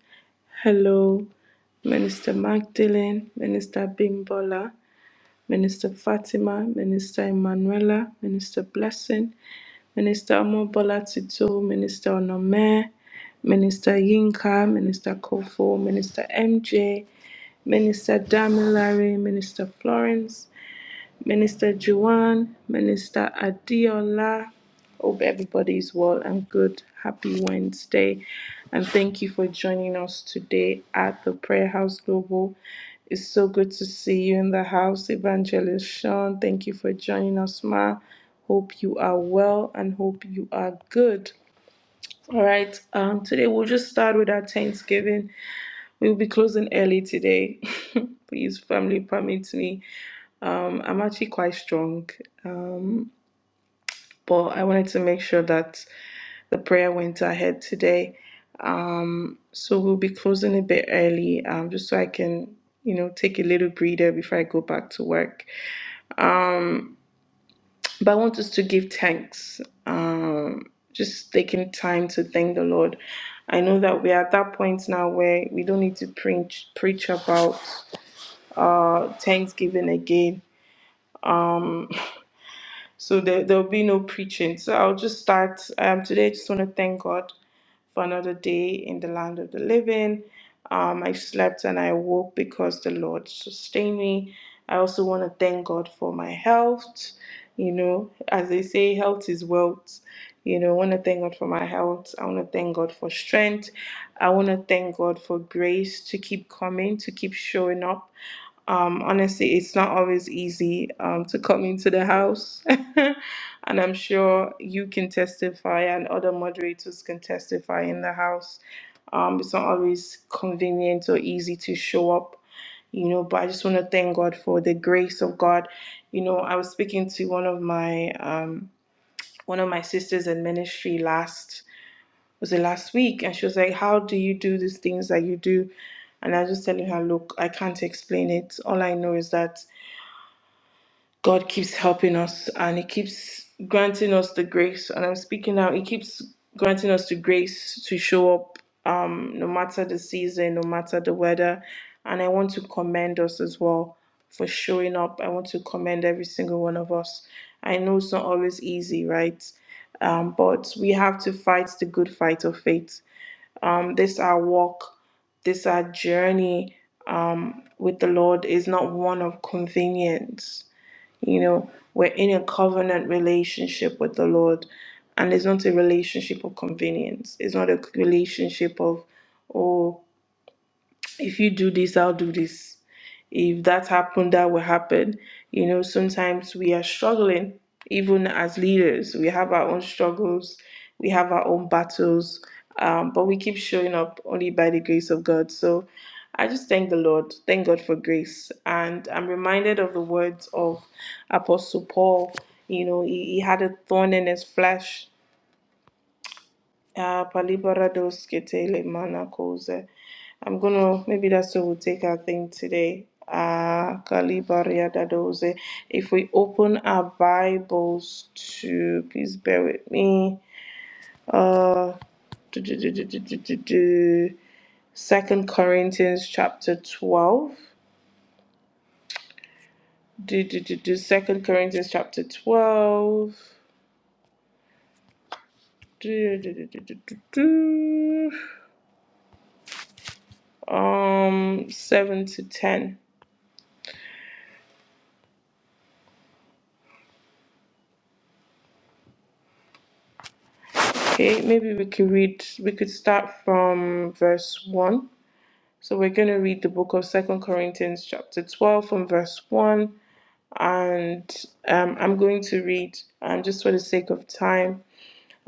Hello, Minister Magdalene, Minister Bimbola, Minister Fatima, Minister Emanuela, Minister Blessing, Minister Omobola Titu, Minister Onome, Minister Yinka, Minister Kofo, Minister MJ, Minister Damilare, Minister Florence, Minister Juwan, Minister Adiola. Hope everybody is well and good. Happy Wednesday. And thank you for joining us today at the Prayer House Global. It's so good to see you in the house, Evangelist Sean. Thank you for joining us, Ma. Hope you are well and hope you are good. All right. Um, today we'll just start with our Thanksgiving. We'll be closing early today. Please, family, permit me. Um, I'm actually quite strong, um, but I wanted to make sure that the prayer went ahead today. So we'll be closing a bit early, um, just so I can, you know, take a little breather before I go back to work. But I want us to give thanks, um, just taking time to thank the Lord. I know that we are at that point now where we don't need to preach preach about uh, Thanksgiving again um so there there'll be no preaching so i'll just start um today i just want to thank god for another day in the land of the living um i slept and i woke because the lord sustained me i also want to thank god for my health you know as they say health is wealth you know i want to thank god for my health i want to thank god for strength i want to thank god for grace to keep coming to keep showing up um, honestly, it's not always easy um, to come into the house. and I'm sure you can testify, and other moderators can testify in the house. Um, it's not always convenient or easy to show up, you know, but I just want to thank God for the grace of God. You know, I was speaking to one of my um, one of my sisters in ministry last was it last week? And she was like, How do you do these things that you do? And I was just telling her, Look, I can't explain it. All I know is that God keeps helping us and He keeps granting us the grace. And I'm speaking now, He keeps granting us the grace to show up um, no matter the season, no matter the weather. And I want to commend us as well for showing up. I want to commend every single one of us. I know it's not always easy, right? Um, but we have to fight the good fight of faith um, this our walk, this our journey with the Lord is not one of convenience. You know, we're in a covenant relationship with the Lord, and it's not a relationship of convenience. It's not a relationship of, oh if you do this, I'll do this. If that happened, that will happen. You know, sometimes we are struggling, even as leaders. We have our own struggles, we have our own battles, um, but we keep showing up only by the grace of God. So I just thank the Lord. Thank God for grace. And I'm reminded of the words of Apostle Paul. You know, he, he had a thorn in his flesh Ah, palibarados ketele mana koze. I'm gonna maybe that's what we'll take our thing today. Ah, kalibariadadoze. If we open our Bibles to, please bear with me. Do, do, do, do, do, do, do, do. Second Corinthians chapter twelve. Do, do, do, do. Second Corinthians chapter twelve. Do, do, do, do, do, do, do. Um, seven to ten. Okay, maybe we could read, we could start from verse 1. So we're going to read the book of Second Corinthians, chapter 12, from verse 1. And um, I'm going to read, um, just for the sake of time.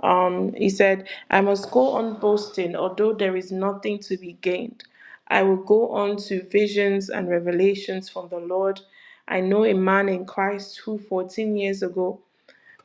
Um, he said, I must go on boasting, although there is nothing to be gained. I will go on to visions and revelations from the Lord. I know a man in Christ who 14 years ago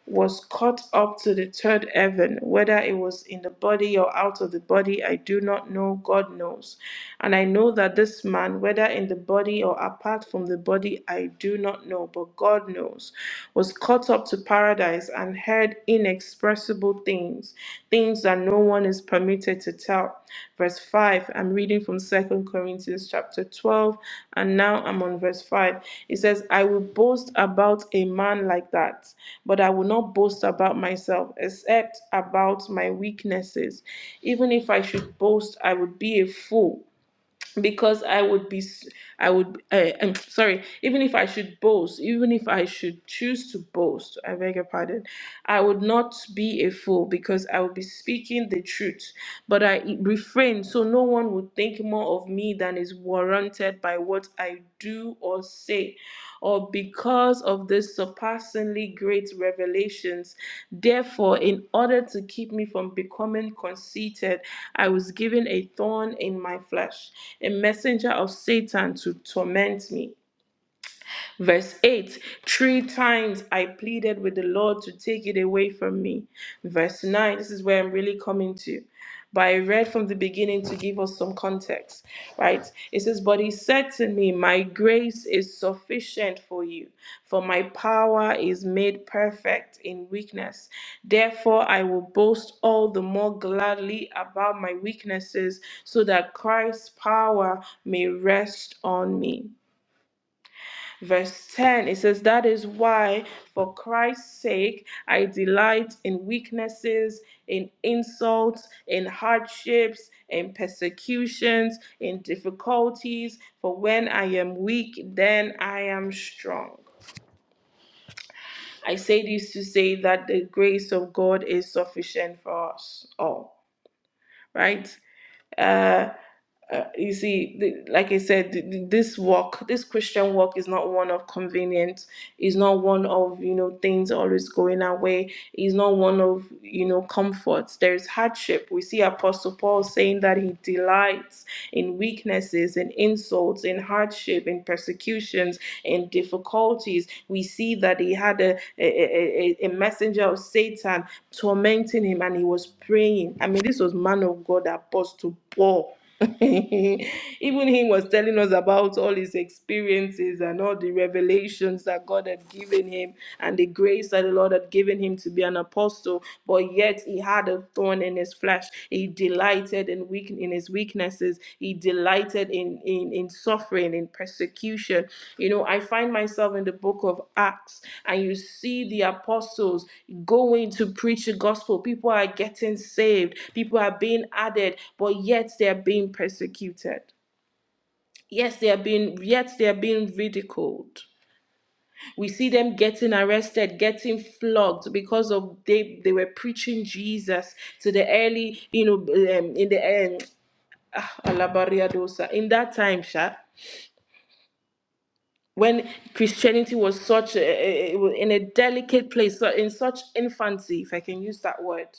was caught up to the third heaven, whether it was in the body or out of the body, I do not know, God knows. And I know that this man, whether in the body or apart from the body, I do not know, but God knows, was caught up to paradise and heard inexpressible things, things that no one is permitted to tell verse 5. I'm reading from Second Corinthians chapter 12, and now I'm on verse 5. It says, I will boast about a man like that, but I will not boast about myself, except about my weaknesses. Even if I should boast, I would be a fool because I would be, I would, uh, um, sorry, even if I should boast, even if I should choose to boast, I beg your pardon, I would not be a fool because I would be speaking the truth, but I refrain so no one would think more of me than is warranted by what I do or say, or because of the surpassingly great revelations. Therefore, in order to keep me from becoming conceited, I was given a thorn in my flesh, a messenger of Satan to torment me. Verse 8 Three times I pleaded with the Lord to take it away from me. Verse 9, this is where I'm really coming to. But I read from the beginning to give us some context, right? It says, But he said to me, My grace is sufficient for you, for my power is made perfect in weakness. Therefore, I will boast all the more gladly about my weaknesses, so that Christ's power may rest on me. Verse 10, it says, That is why, for Christ's sake, I delight in weaknesses, in insults, in hardships, in persecutions, in difficulties. For when I am weak, then I am strong. I say this to say that the grace of God is sufficient for us all, right? Uh, uh, you see, th- like I said, th- th- this walk, this Christian walk is not one of convenience. It's not one of, you know, things always going our way. It's not one of, you know, comforts. There's hardship. We see Apostle Paul saying that he delights in weaknesses, in insults, in hardship, in persecutions, in difficulties. We see that he had a, a, a, a a messenger of Satan tormenting him and he was praying. I mean, this was man of God, Apostle Paul. Even him was telling us about all his experiences and all the revelations that God had given him and the grace that the Lord had given him to be an apostle, but yet he had a thorn in his flesh. He delighted in weak in his weaknesses he delighted in, in in suffering in persecution you know i find myself in the book of acts and you see the apostles going to preach the gospel people are getting saved people are being added but yet they are being persecuted yes they are being yet they are being ridiculed we see them getting arrested, getting flogged because of they they were preaching Jesus to the early, you know, um, in the end ah, alabaria dosa. In that time, Sha, when Christianity was such a, a- a- in a delicate place, so- in such infancy, if I can use that word,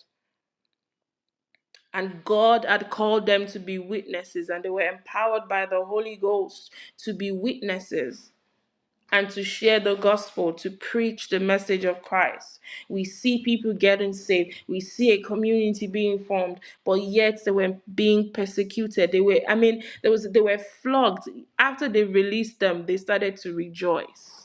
and God had called them to be witnesses, and they were empowered by the Holy Ghost to be witnesses. and to share the gospel, to preach the message of Christ. We see people getting saved. We see a community being formed, but yet they were being persecuted. They were, I mean, there was they were flogged. After they released them, they started to rejoice.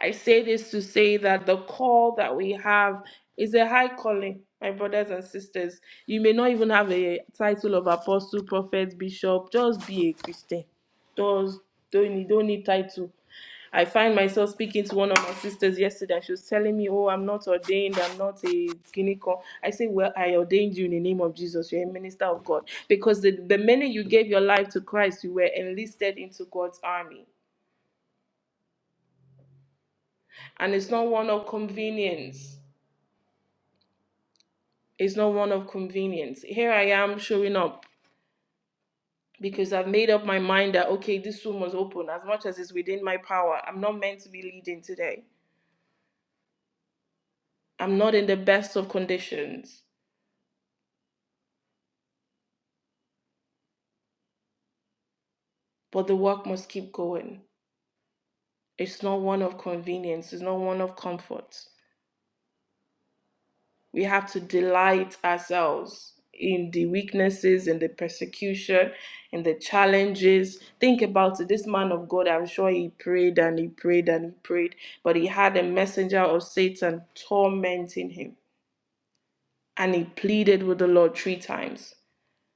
I say this to say that the call that we have is a high calling, my brothers and sisters. You may not even have a title of apostle, prophet, bishop. Just be a Christian. Just don't need, don't need title. I find myself speaking to one of my sisters yesterday. and She was telling me, "Oh, I'm not ordained. I'm not a guinea corn." I say, "Well, I ordained you in the name of Jesus. You're a minister of God because the, the minute you gave your life to Christ, you were enlisted into God's army, and it's not one of convenience." It's not one of convenience. Here I am showing up because I've made up my mind that, okay, this room was open as much as it's within my power. I'm not meant to be leading today. I'm not in the best of conditions, but the work must keep going. It's not one of convenience, it's not one of comfort. We have to delight ourselves in the weaknesses, in the persecution, in the challenges. Think about it. This man of God, I'm sure he prayed and he prayed and he prayed, but he had a messenger of Satan tormenting him. And he pleaded with the Lord three times.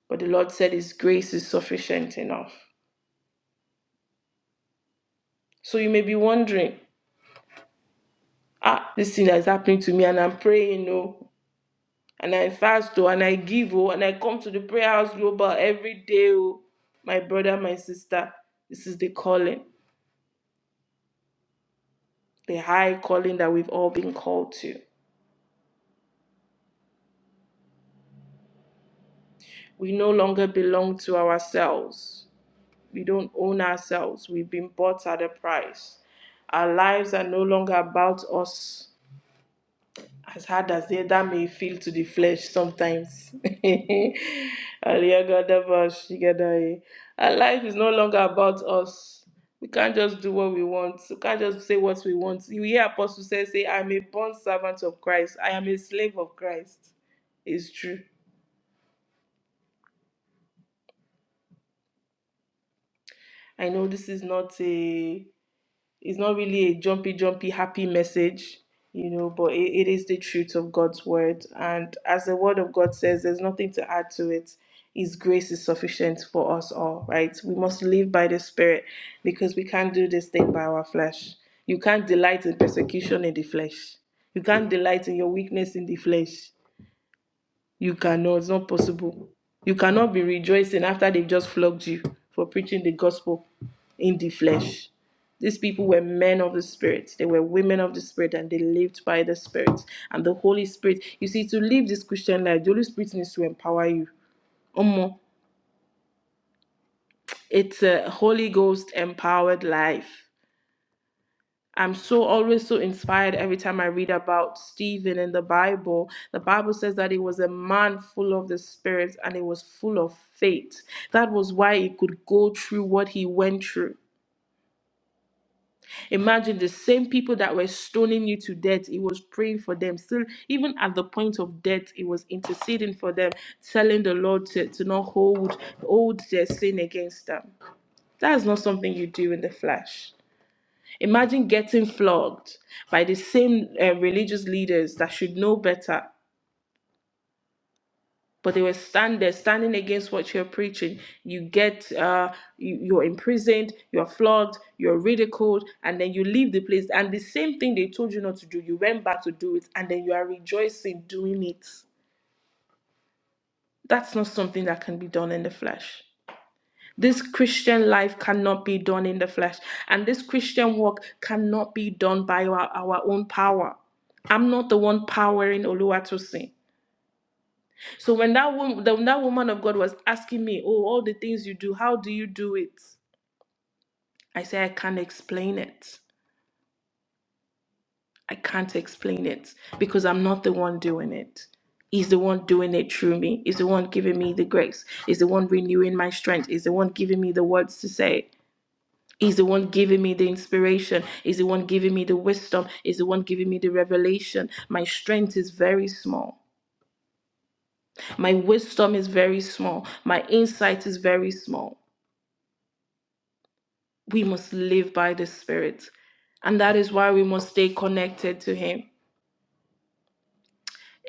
But the Lord said, His grace is sufficient enough. So you may be wondering, ah, this thing that is happening to me, and I'm praying, no. and I fast oh, and I give oh, and I come to the prayer house global every day oh. My brother, my sister, this is the calling, the high calling that we've all been called to. We no longer belong to ourselves. We don't own ourselves. We've been bought at a price. Our lives are no longer about us. as hard as that may feel to the flesh sometimes. Ariagadabashigadaye. Our life is no longer about us. We can't just do what we want. We can't just say what we want. You hear Apostle say, say, I'm a born servant of Christ. I am a slave of Christ. It's true. I know this is not a It's not really a jumpy, jumpy, happy message, you know, but it, it is the truth of God's word. And as the word of God says, there's nothing to add to it. His grace is sufficient for us all, right? We must live by the Spirit because we can't do this thing by our flesh. You can't delight in persecution in the flesh. You can't delight in your weakness in the flesh. You cannot, it's not possible. You cannot be rejoicing after they've just flogged you for preaching the gospel in the flesh. These people were men of the Spirit. They were women of the Spirit and they lived by the Spirit. And the Holy Spirit, you see, to live this Christian life, the Holy Spirit needs to empower you. Omo, it's a Holy Ghost empowered life. I'm so always so inspired every time I read about Stephen in the Bible. The Bible says that he was a man full of the Spirit and he was full of faith. That was why he could go through what he went through. Imagine the same people that were stoning you to death, he was praying for them. Still, even at the point of death, he was interceding for them, telling the Lord to, to not hold, hold their sin against them. That is not something you do in the flesh. Imagine getting flogged by the same uh, religious leaders that should know better, but they were stand there standing against what you're preaching. You get, uh, you, you're imprisoned, you're flogged, you're ridiculed, and then you leave the place. And the same thing they told you not to do, you went back to do it, and then you are rejoicing doing it. That's not something that can be done in the flesh. This Christian life cannot be done in the flesh, and this Christian work cannot be done by our, our own power. I'm not the one powering Oluwatosin. So when that woman, when that woman of God was asking me, "Oh, all the things you do, how do you do it?" I say, "I can't explain it. I can't explain it because I'm not the one doing it. He's the one doing it through me. He's the one giving me the grace. He's the one renewing my strength. He's the one giving me the words to say." He's the one giving me the inspiration. He's the one giving me the wisdom. He's the one giving me the revelation. My strength is very small. My wisdom is very small. My insight is very small. We must live by the Spirit. And that is why we must stay connected to Him.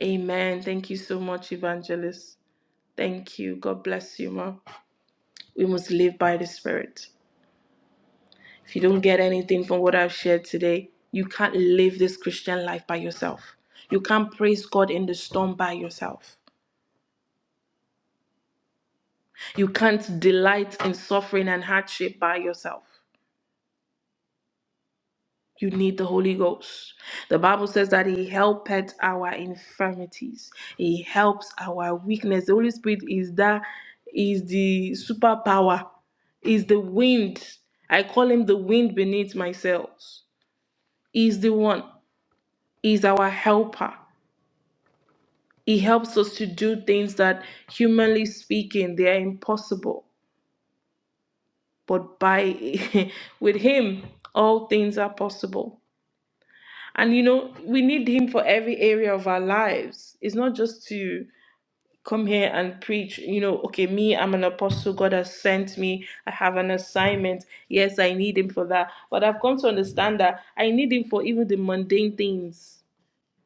Amen. Thank you so much, Evangelist. Thank you. God bless you, Ma. We must live by the Spirit. If you don't get anything from what I've shared today, you can't live this Christian life by yourself. You can't praise God in the storm by yourself. You can't delight in suffering and hardship by yourself. You need the Holy Ghost. The Bible says that He helpeth our infirmities. He helps our weakness. The Holy Spirit is that is the superpower, is the wind. I call him the wind beneath my sails. He's the one. He's our helper. He helps us to do things that, humanly speaking, they are impossible. But by with Him, all things are possible. And you know, we need Him for every area of our lives. It's not just to come here and preach, you know, okay, me, I'm an apostle, God has sent me, I have an assignment. Yes, I need Him for that. But I've come to understand that I need Him for even the mundane things.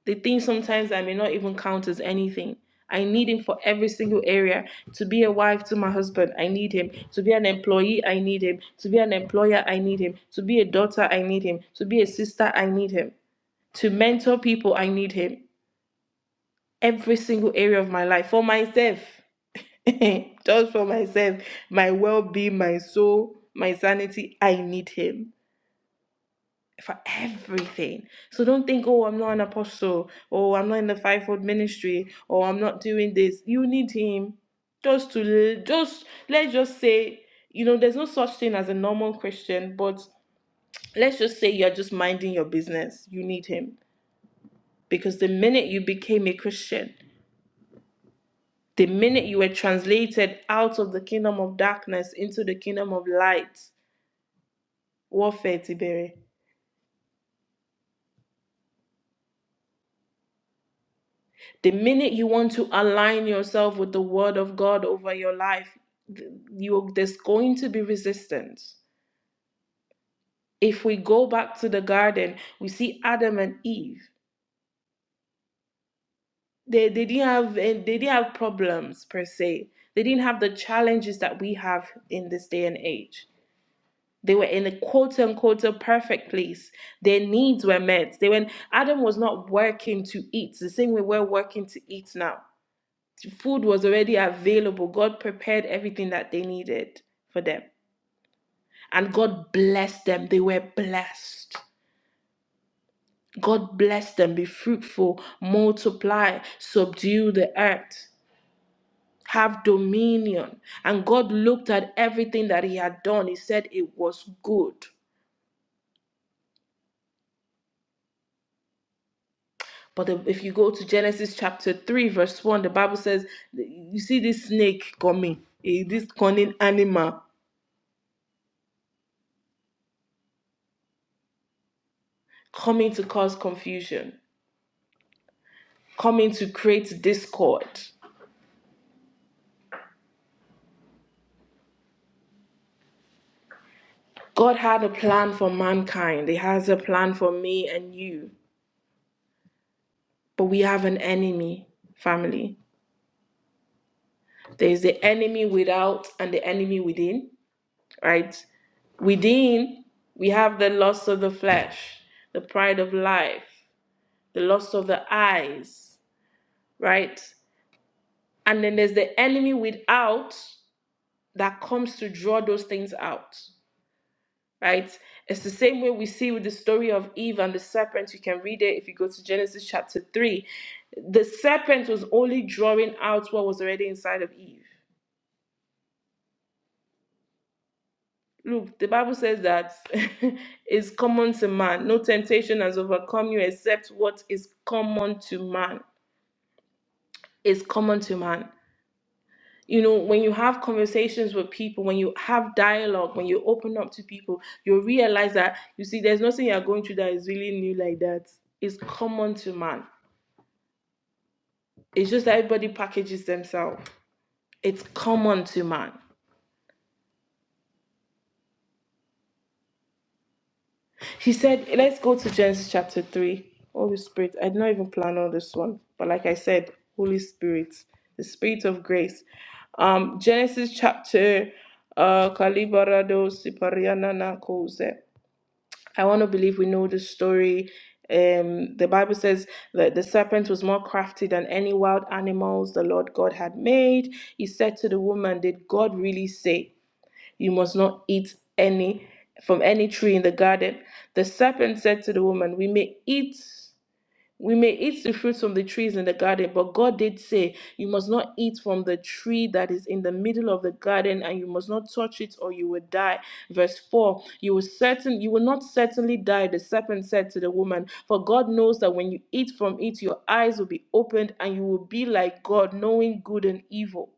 The things sometimes I may not even count as anything. I need him for every single area. To be a wife to my husband, I need him. To be an employee, I need him. To be an employer, I need him. To be a daughter, I need him. To be a sister, I need him. To mentor people, I need him. Every single area of my life for myself. Just for myself, my well being, my soul, my sanity, I need him. for everything. So don't think, oh, I'm not an apostle, or I'm not in the fivefold ministry, or I'm not doing this. You need him just to just let's just say, you know, there's no such thing as a normal Christian, but let's just say you're just minding your business. You need him because the minute you became a Christian, the minute you were translated out of the kingdom of darkness into the kingdom of light, warfare, Tiberi. The minute you want to align yourself with the word of God over your life, you, there's going to be resistance. If we go back to the garden, we see Adam and Eve. They, they didn't have eh, they didn't have problems per se. They didn't have the challenges that we have in this day and age. They were in a quote unquote perfect place. Their needs were met. They when Adam was not working to eat, the same way we're working to eat now. food was already available. God prepared everything that they needed for them. And God blessed them. They were blessed. God blessed them. Be fruitful, multiply, subdue the earth, have dominion. And God looked at everything that He had done. He said it was good. But the- if you go to Genesis chapter 3, verse 1, the Bible says, You see this snake coming, eh, this cunning animal coming to cause confusion coming to create discord. God had a plan for mankind, He has a plan for me and you. But we have an enemy, family. There is the enemy without and the enemy within, right? Within, we have the lust of the flesh, the pride of life, the lust of the eyes, right? And then there's the enemy without that comes to draw those things out. right? It's the same way we see with the story of Eve and the serpent. You can read it if you go to Genesis chapter 3. The serpent was only drawing out what was already inside of Eve. Look, the Bible says that it's common to man. No temptation has overcome you except what is common to man. It's common to man. You know, when you have conversations with people, when you have dialogue, when you open up to people, you realize that, you see, there's nothing you're going through that is really new like that. It's common to man It's just that everybody packages themselves. It's common to man. He said, let's go to Genesis chapter 3. Holy Spirit, I did not even plan on this one, but like I said, Holy Spirit, the Spirit of grace. Um, Genesis chapter uh, Kalibarado Sipariana na Kose. I want to believe we know the story. Um, the Bible says that the serpent was more crafty than any wild animals the Lord God had made. He said to the woman, Did God really say? You must not eat any from any tree in the garden. The serpent said to the woman, We may eat we may eat the fruits from the trees in the garden, but God did say, You must not eat from the tree that is in the middle of the garden, and you must not touch it, or you will die. Verse 4 You will certain you will not certainly die, the serpent said to the woman, for God knows that when you eat from it, your eyes will be opened, and you will be like God, knowing good and evil.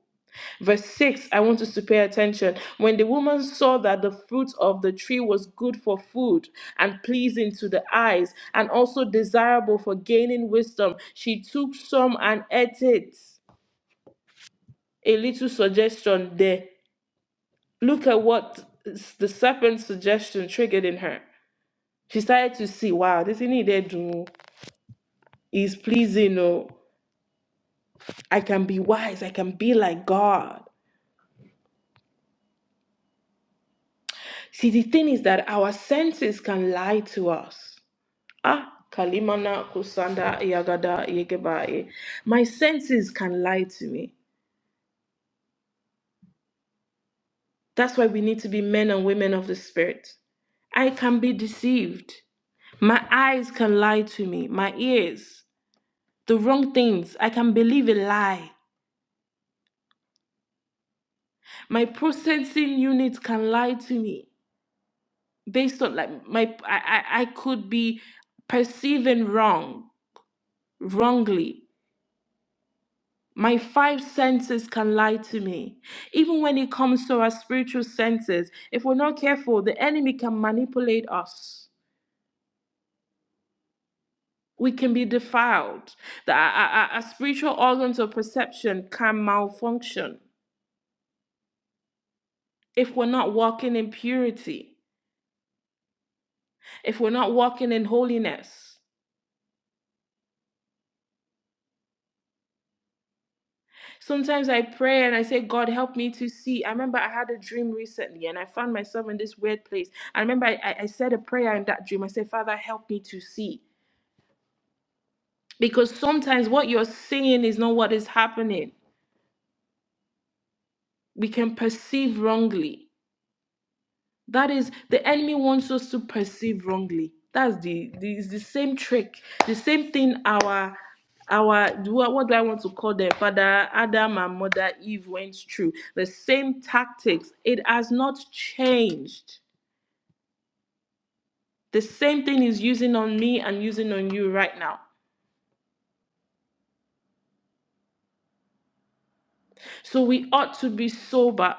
Verse 6, I want us to pay attention. When the woman saw that the fruit of the tree was good for food and pleasing to the eyes and also desirable for gaining wisdom, she took some and ate it. A little suggestion there. Look at what s- the serpent's suggestion triggered in her. She started to see, wow, this thing he did do is pleasing. Oh, I can be wise. I can be like God. See, the thing is that our senses can lie to us. Ah, Kalimana Kusanda Yagada Yegebae. My senses can lie to me. That's why we need to be men and women of the spirit. I can be deceived. My eyes can lie to me. My ears, the wrong things. I can believe a lie. My processing unit can lie to me based on like my I I, I could be perceiving wrong, wrongly. My five senses can lie to me. Even when it comes to our spiritual senses, if we're not careful, the enemy can manipulate us. We can be defiled. The- our, our- our spiritual organs of perception can malfunction if we're not walking in purity, if we're not walking in holiness. Sometimes I pray and I say, God, help me to see. I remember I had a dream recently and I found myself in this weird place. I remember I, I I said a prayer in that dream. I said, Father, help me to see. because sometimes what you're seeing is not what is happening. We can perceive wrongly. That is, the enemy wants us to perceive wrongly. That's the, the it's the same trick, the same thing our our what, what do I want to call them? Father Adam and Mother Eve went through. The same tactics. It has not changed. The same thing is using on me and using on you right now. So we ought to be sober.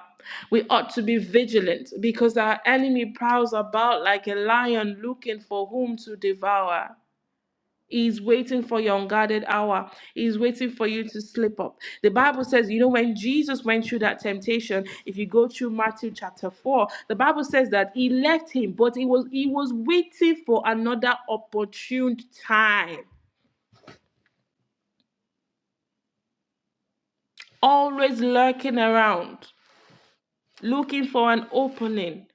We ought to be vigilant because our enemy prowls about like a lion looking for whom to devour. He's waiting for your unguarded hour. He's waiting for you to slip up. The Bible says, you know, when Jesus went through that temptation, if you go through Matthew chapter 4, the Bible says that he left him, but he was he was waiting for another opportune time, always lurking around. looking for an opening.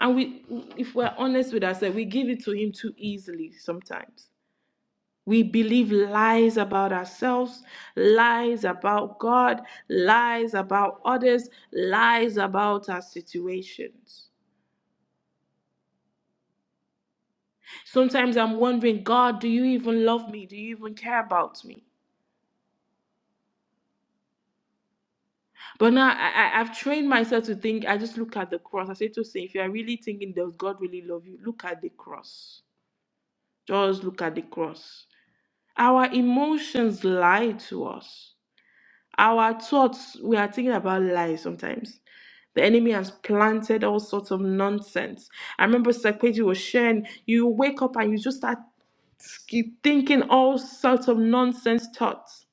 And we, if we're honest with ourselves, we give it to Him too easily sometimes. We believe lies about ourselves, lies about God, lies about others, lies about our situations. Sometimes I'm wondering, God, do you even love me? Do you even care about me? But now I, I, I've trained myself to think, I just look at the cross. I say to say, if you're really thinking, does God really love you? Look at the cross. Just look at the cross. Our emotions lie to us. Our thoughts, we are thinking about lies sometimes. The enemy has planted all sorts of nonsense. I remember Sekweji was sharing, you wake up and you just start keep thinking all sorts of nonsense thoughts.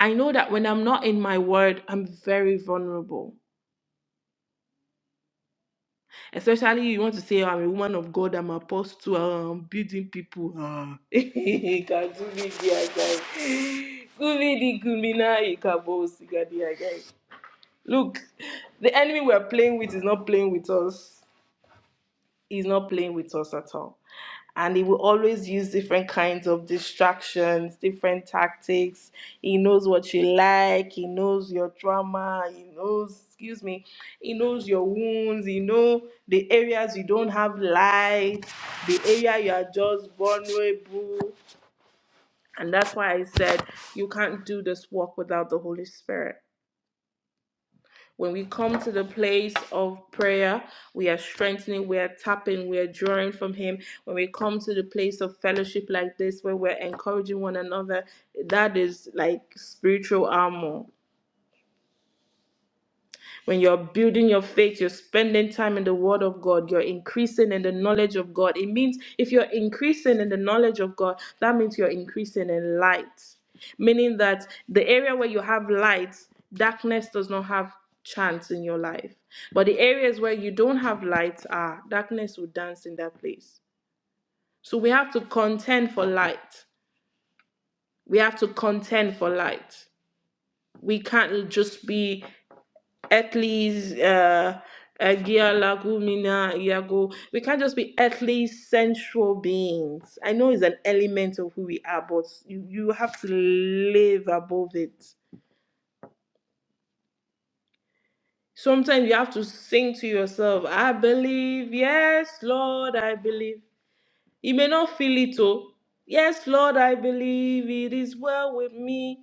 I know that when I'm not in my word, I'm very vulnerable. Especially you want to say I'm a woman of God, I'm apostle, I'm building people. Ah. Look, the enemy we're playing with is not playing with us. He's not playing with us at all. And he will always use different kinds of distractions, different tactics. He knows what you like, he knows your trauma, he knows, excuse me, he knows your wounds, he knows the areas you don't have light, the area you are just vulnerable. And that's why I said you can't do this work without the Holy Spirit. When we come to the place of prayer, we are strengthening, we are tapping, we are drawing from Him. When we come to the place of fellowship like this, where we're encouraging one another, that is like spiritual armor. When you're building your faith, you're spending time in the Word of God, you're increasing in the knowledge of God. It means if you're increasing in the knowledge of God, that means you're increasing in light, meaning that the area where you have light, darkness does not have chance in your life. But the areas where you don't have light are darkness will dance in that place. So we have to contend for light. We have to contend for light. We can't just be earthly uh uh, gia lagumina iago we can't just be earthly sensual beings i know it's an element of who we are but you, you have to live above it sometimes you have to sing to yourself i believe yes lord i believe you may not feel it oh yes lord i believe it is well with me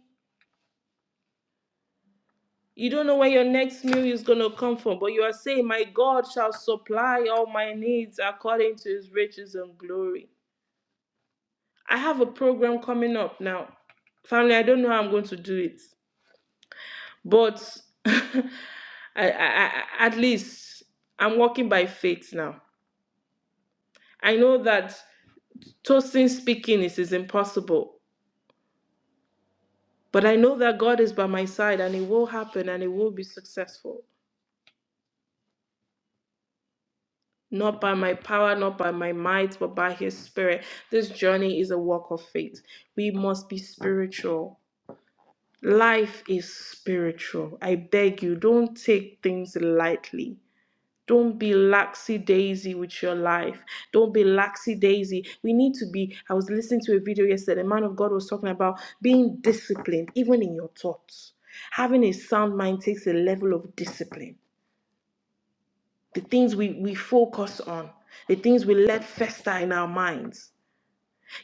You don't know where your next meal is going to come from, but you are saying, My God shall supply all my needs according to his riches and glory. I have a program coming up now. Family, I don't know how I'm going to do it, but I, I, I, at least I'm walking by faith now. I know that toasting speaking is, is impossible, but I know that God is by my side and it will happen and it will be successful. not by my power, not by my might, but by his spirit. This journey is a walk of faith. We must be spiritual. Life is spiritual. I beg you, don't take things lightly. Don't be laxy daisy with your life. Don't be laxy daisy. We need to be. I was listening to a video yesterday. A man of God was talking about being disciplined, even in your thoughts. Having a sound mind takes a level of discipline the things we, we focus on, the things we let fester in our minds.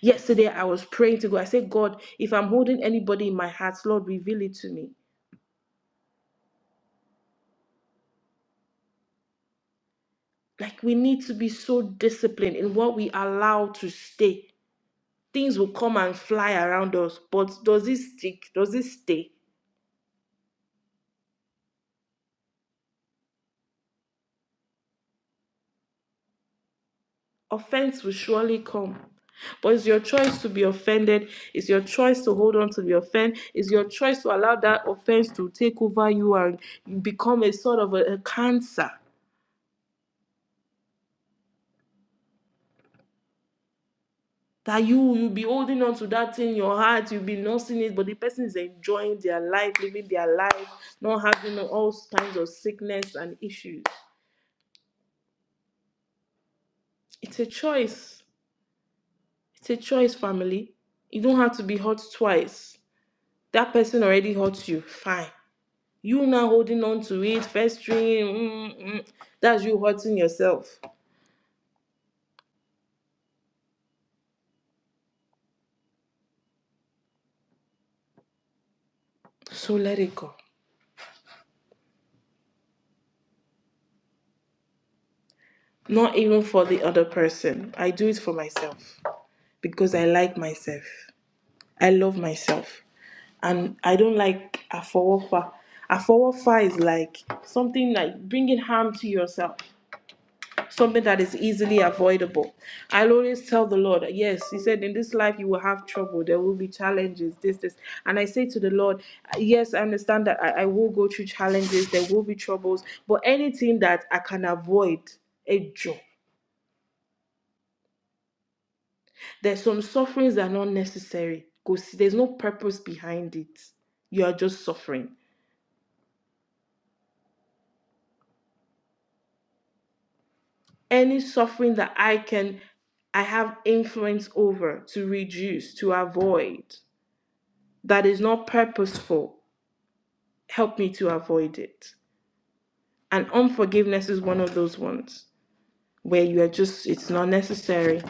Yesterday, I was praying to God. I said, God, if I'm holding anybody in my heart, Lord, reveal it to me. Like, we need to be so disciplined in what we allow to stay. Things will come and fly around us, but does it stick? Does it stay? Offense will surely come. But it's your choice to be offended. It's your choice to hold on to the offense. It's your choice to allow that offense to take over you and become a sort of a, a cancer. That you you'll be holding on to that thing in your heart, you'll be nursing it, but the person is enjoying their life, living their life, not having all kinds of sickness and issues. It's a choice. It's a choice, family. You don't have to be hurt twice. That person already hurt you. Fine. You now holding on to it, festering, mm, mm, that's you hurting yourself. So let it go. Not even for the other person. I do it for myself because I like myself. I love myself. And I don't like afawafa. Afawafa is like something like bringing harm to yourself. something that is easily avoidable. I'll always tell the Lord, yes, He said, in this life you will have trouble, there will be challenges, this, this. And I say to the Lord, yes, I understand that I, I will go through challenges, there will be troubles, but anything that I can avoid, a joy. There's some sufferings that are not necessary because there's no purpose behind it. You are just suffering. Any suffering that I can, I have influence over to reduce, to avoid, that is not purposeful help me to avoid it. And unforgiveness is one of those ones where you are just, it's not necessary.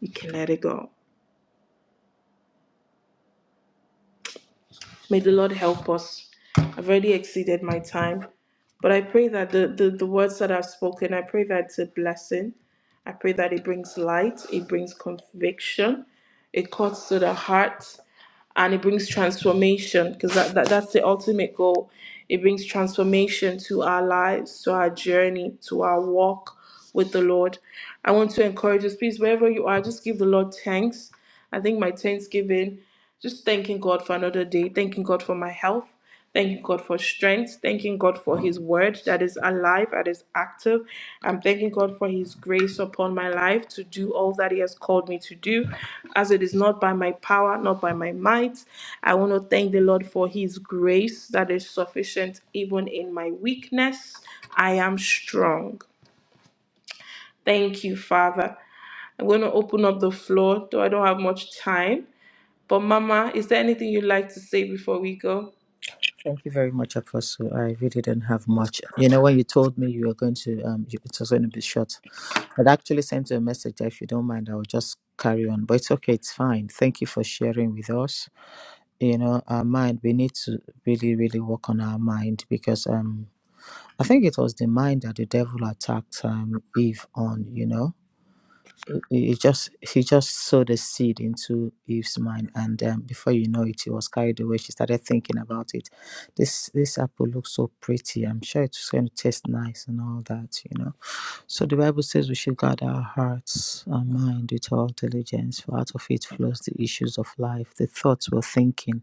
You can let it go. May the Lord help us. I've already exceeded my time, but I pray that the, the, the words that I've spoken, I pray that it's a blessing. I pray that it brings light, it brings conviction, it cuts to the heart, and it brings transformation because that, that, that's the ultimate goal. It brings transformation to our lives, to our journey, to our walk with the Lord. I want to encourage us, please, wherever you are, just give the Lord thanks. I think my thanksgiving, just thanking God for another day, thanking God for my health, Thanking God for strength, thanking God for His word that is alive, that is active. I'm thanking God for His grace upon my life to do all that He has called me to do, as it is not by my power, not by my might. I want to thank the Lord for His grace that is sufficient even in my weakness. I am strong. Thank you, Father. I'm going to open up the floor, though I don't have much time. But, Mama, is there anything you'd like to say before we go? Thank you very much, Apostle. I really didn't have much. You know, when you told me you were going to, um, you- it was going to be short, I'd actually sent you a message that if you don't mind, I will just carry on. But it's okay, it's fine. Thank you for sharing with us. You know, our mind, we need to really, really work on our mind because um, I think it was the mind that the devil attacked um, Eve on, you know he he just he just sowed a seed into Eve's mind, and um, before you know it, she was carried away. She started thinking about it. This this apple looks so pretty. I'm sure it's going to taste nice and all that, you know. So the Bible says we should guard our hearts and mind with all diligence, for out of it flows the issues of life. The thoughts we're thinking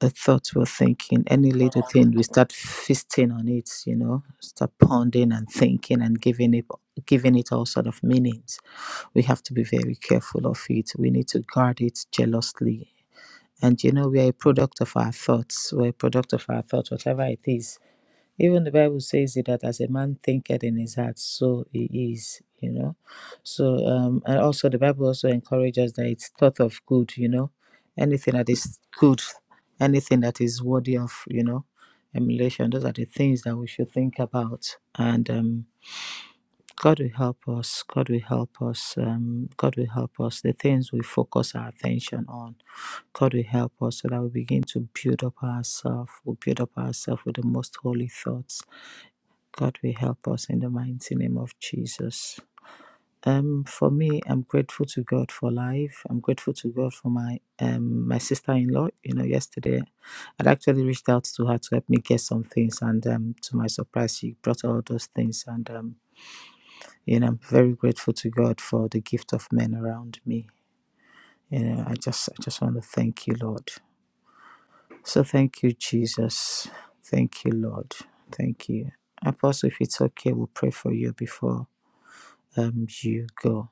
the thoughts we're thinking, any little thing, we start feasting on it, you know, start pondering and thinking and giving it giving it all sort of meanings. We have to be very careful of it. We need to guard it jealously. And you know, we are a product of our thoughts. We're a product of our thoughts, whatever it is even the Bible says it that as a man thinketh in his heart, so he is, you know. So, um, and also the Bible also encourages that it's thought of good, you know, anything that is good, anything that is worthy of, you know, emulation. Those are the things that we should think about. And um, God will help us. God will help us. Um, God will help us. The things we focus our attention on, God will help us so that we begin to build up ourselves. We build up ourselves with the most holy thoughts. God will help us in the mighty name of Jesus. Um, for me, I'm grateful to God for life. I'm grateful to God for my um my sister-in-law. You know, yesterday, I'd actually reached out to her to help me get some things, and um, to my surprise, she brought all those things, and um, you know, I'm very grateful to God for the gift of men around me. You know, I just I just want to thank you, Lord. So thank you, Jesus. Thank you, Lord. Thank you. Apostle, if it's okay, we'll pray for you before um you go.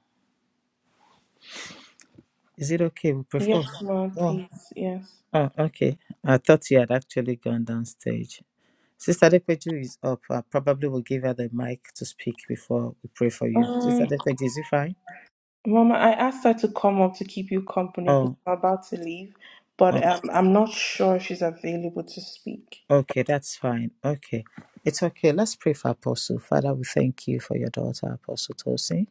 Is it okay? We'll pray for Yes, ma'am, oh, oh, please. Yes. oh okay. I thought you had actually gone down stage. Sister Dekweju is up. I probably will give her the mic to speak before we pray for you. Sister Um, Dekweju, is it fine? Mama, I asked her to come up to keep you company because Oh, I'm about to leave, but oh, um, I'm not sure if she's available to speak. Okay, that's fine. Okay. It's okay. Let's pray for Apostle. Father, we thank you for your daughter, Apostle Tosin.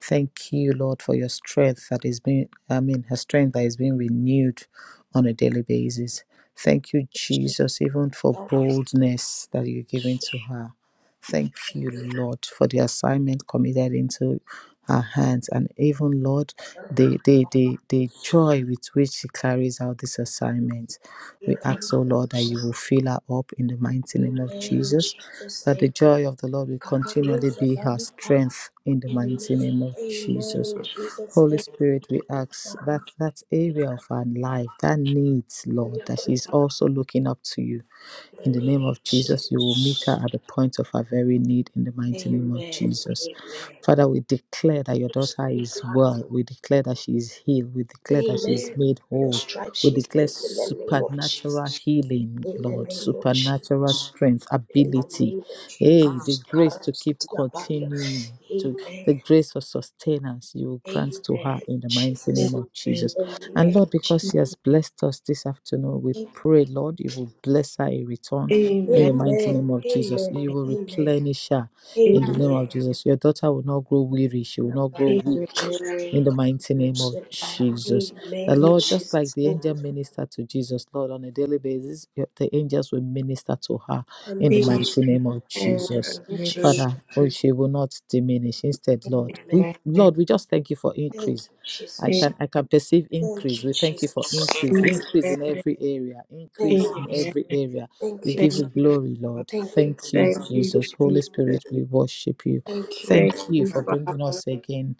Thank you, Lord, for your strength that is being, I mean, her strength that is being renewed on a daily basis. Thank you, Jesus, even for boldness that you're giving to her. Thank you, Lord, for the assignment committed into her hands and even, Lord, the, the, the, the joy with which she carries out this assignment. We ask, oh Lord, that you will fill her up in the mighty name of Amen. In Jesus Jesus' that the name. joy of the Lord will continually Karuza be her Balipa. strength in the mighty Amen. name of Jesus. Amen. In Jesus' Holy name. Spirit, we ask that Karakira. that area of her life, that needs, Lord, that she's Yakuba. also looking up to you. In the In the name name of of Jesus, you will meet her Jesus. at the point of her very need in the mighty Amen. name of Amen. Jesus. Father, we declare that your daughter is well. We declare that she is healed. We declare that she is Amen. made Your whole. stripes, We she is declare healed in the name of supernatural Jesus. healing, In the Lord, name of supernatural Jesus. strength, in the ability, name of hey, the Jesus. grace to keep Karabatia Baria. continuing, to the Amen. grace for sustenance you will grant to her Amen. in the mighty Jesus. name of Amen. Jesus. And Amen. Lord, because Jesus. she has blessed us this afternoon, we Amen. pray, Lord, you will bless her in return in Amen. the mighty name Amen. of Jesus. You will Amen. replenish her in the name Amen. Amen. of Jesus. Your daughter will not grow weary, she will Yeah, not grow Baria. Amen. weak. Jesus. In the mighty name of Karabatia. Jesus. The Amen. In Lord, just like Jesus' the name. angel ministered to Jesus, Lord, on a daily basis, the angels will minister to her in the Unmute Amen. us. mighty name of Jesus. Unmute Amen. us. Father, oh, Jesus, she will not diminish. Instead, Lord, we Amen. Amen. Lord, we just thank you for Thank increase. you, I Amen. Jesus. can I can perceive Thank increase. you, We thank you Jesus. for Thank increase, you. Amen. increase in every area, Thank you. increase in Jesus. every area. Thank We you. give Thank you you. glory, Lord. Thank you, Thank you, Jesus. Thank you, Jesus. Holy Jesus. Spirit, we worship you. Thank you. Thank Thank you you, for bringing Father. us again.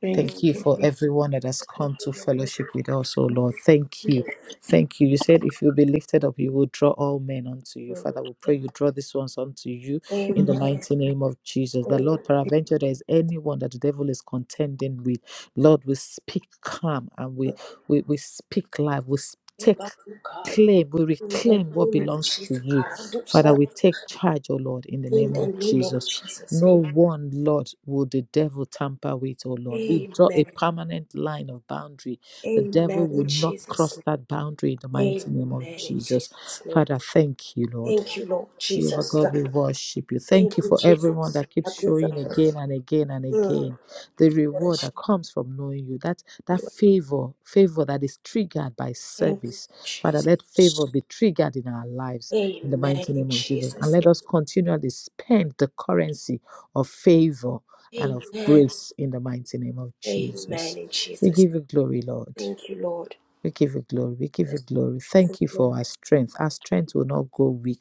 Thank Thank you you. for everyone that has Thank come to you, Lord, fellowship with us, oh Lord. Thank you. for Thank you. You this prayer. said if you be lifted up, you will draw all men unto you. Father, we pray you draw these ones unto you in the Amen. mighty name of Jesus. The Amen. Lord, Thank peradventure, there is anyone that the devil is contending with. Lord, we speak calm and we we, we speak life. We s- you, take God. claim, we In the reclaim what name of belongs to Jesus, you. God, I do Father, serve. we take charge, oh Lord, in the In name the of name of Jesus. Jesus, No amen. one, Lord, will the devil tamper with, oh Lord. We draw Amen a permanent line of boundary. The devil Amen. will in not Jesus' cross that boundary in the name. mighty name of Amen in Jesus. Jesus' name. Father, thank you, Lord. Thank you, Lord Jehovah Jesus. God, we worship you. Thank Thank you you, for everyone Jesus. that I keeps showing deserve. again and again and Mm. again the We reward Worship that comes from knowing you. That you, that Lord. favor, favor that is triggered by Thank you, service. Father, Jesus. let favor be triggered in our lives in the Amen mighty in name of Jesus. And Jesus' let name. us continually spend the currency of favor and of Amen. grace in the mighty name of Amen Jesus. in We Jesus' give you glory, Lord. Thank you, Lord. We give you glory. We give you Bless glory. your holy Thank you for name. our strength. Our strength will not go weak.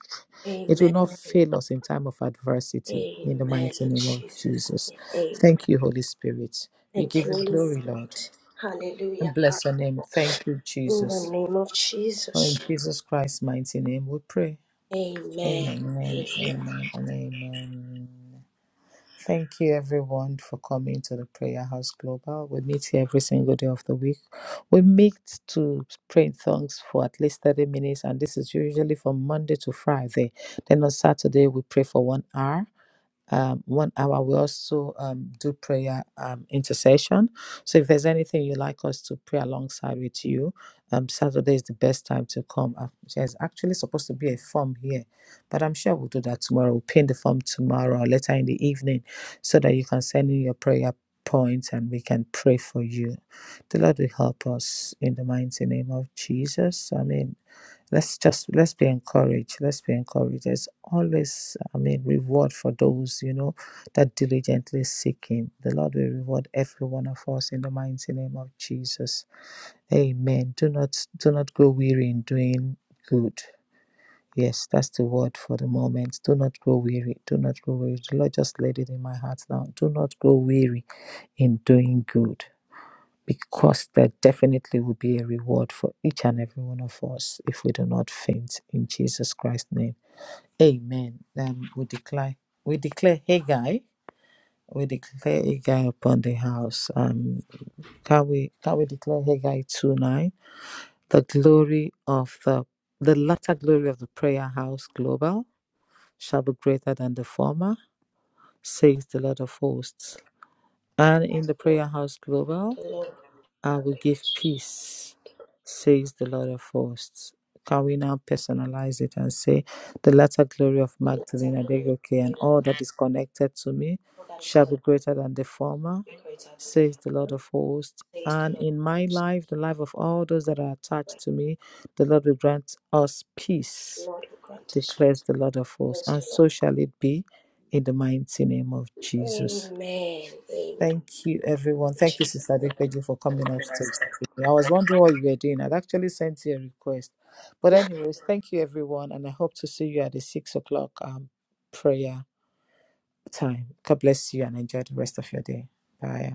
It will not Amen. fail us in time of adversity. In the Amen. mighty In name of Jesus' Jesus. name. Amen. Thank you, Holy Spirit. We Thank give you, you Holy glory, Lord. Spirit. And Hallelujah, God. bless your name. Thank you, In the Jesus. name of For Jesus. in Jesus Christ's mighty name we pray. Amen. Amen. Amen. Amen and amen. Thank you, everyone, for coming to the Prayer House Global. We meet here every single day of the week. We meet to pray in tongues for at least 30 minutes, and this is usually from Monday to Friday. Then on Saturday, we pray for one hour um, one hour. We also um, do prayer um, intercession. So if there's anything you'd like us to pray alongside with you, um, Saturday is the best time to come. Uh, There's actually supposed to be a form here, but I'm sure we'll do that tomorrow. We'll pin the form tomorrow or later in the evening so that you can send in your prayer points and we can pray for you. The Lord will help us in the mighty name of Jesus. Amen. Let's just let's be encouraged. Let's be encouraged. There's always, I mean, reward for those you know that diligently seek Him. The Lord will reward every one of us in the mighty name of Jesus. Amen. Do not do not grow weary in doing good. Yes, that's the word for the moment. Do not grow weary. Do not grow weary. The Lord just laid it in my heart now. Do not grow weary in doing good because there definitely will be a reward for each and every one of us if we do not faint in Jesus Christ's name. Amen. Um, we declare, we declare Haggai, we declare Haggai upon the house. Um, can we can we declare Haggai two nine? The glory of the the latter glory of the prayer house global shall be greater than the former, says the Lord of hosts. And in Ask the glory prayer house global. to the Lord. I will give peace, says the Lord of hosts. Can we now personalize it and say, The latter glory of Let's adore Magdalene your Adegoke and great name. all that is connected to me For that is shall called be greater than the former, greater than the says the Lord Father. of hosts. Says the And Lord. in my life, the life of all those that are attached Like to me, the Lord will grant us the peace, Lord who grant us declares peace. the Lord of hosts. Praise the And Lord. so shall it be in the mighty name of Jesus. Amen. Thank you, everyone. Thank you, Amen. Sister Adequeju, for coming upstairs. I was wondering what you were doing. I'd actually sent you a request. But anyways, thank you, everyone, and I hope to see you at the six o'clock um, prayer time. God bless you and enjoy the rest of your day. Bye.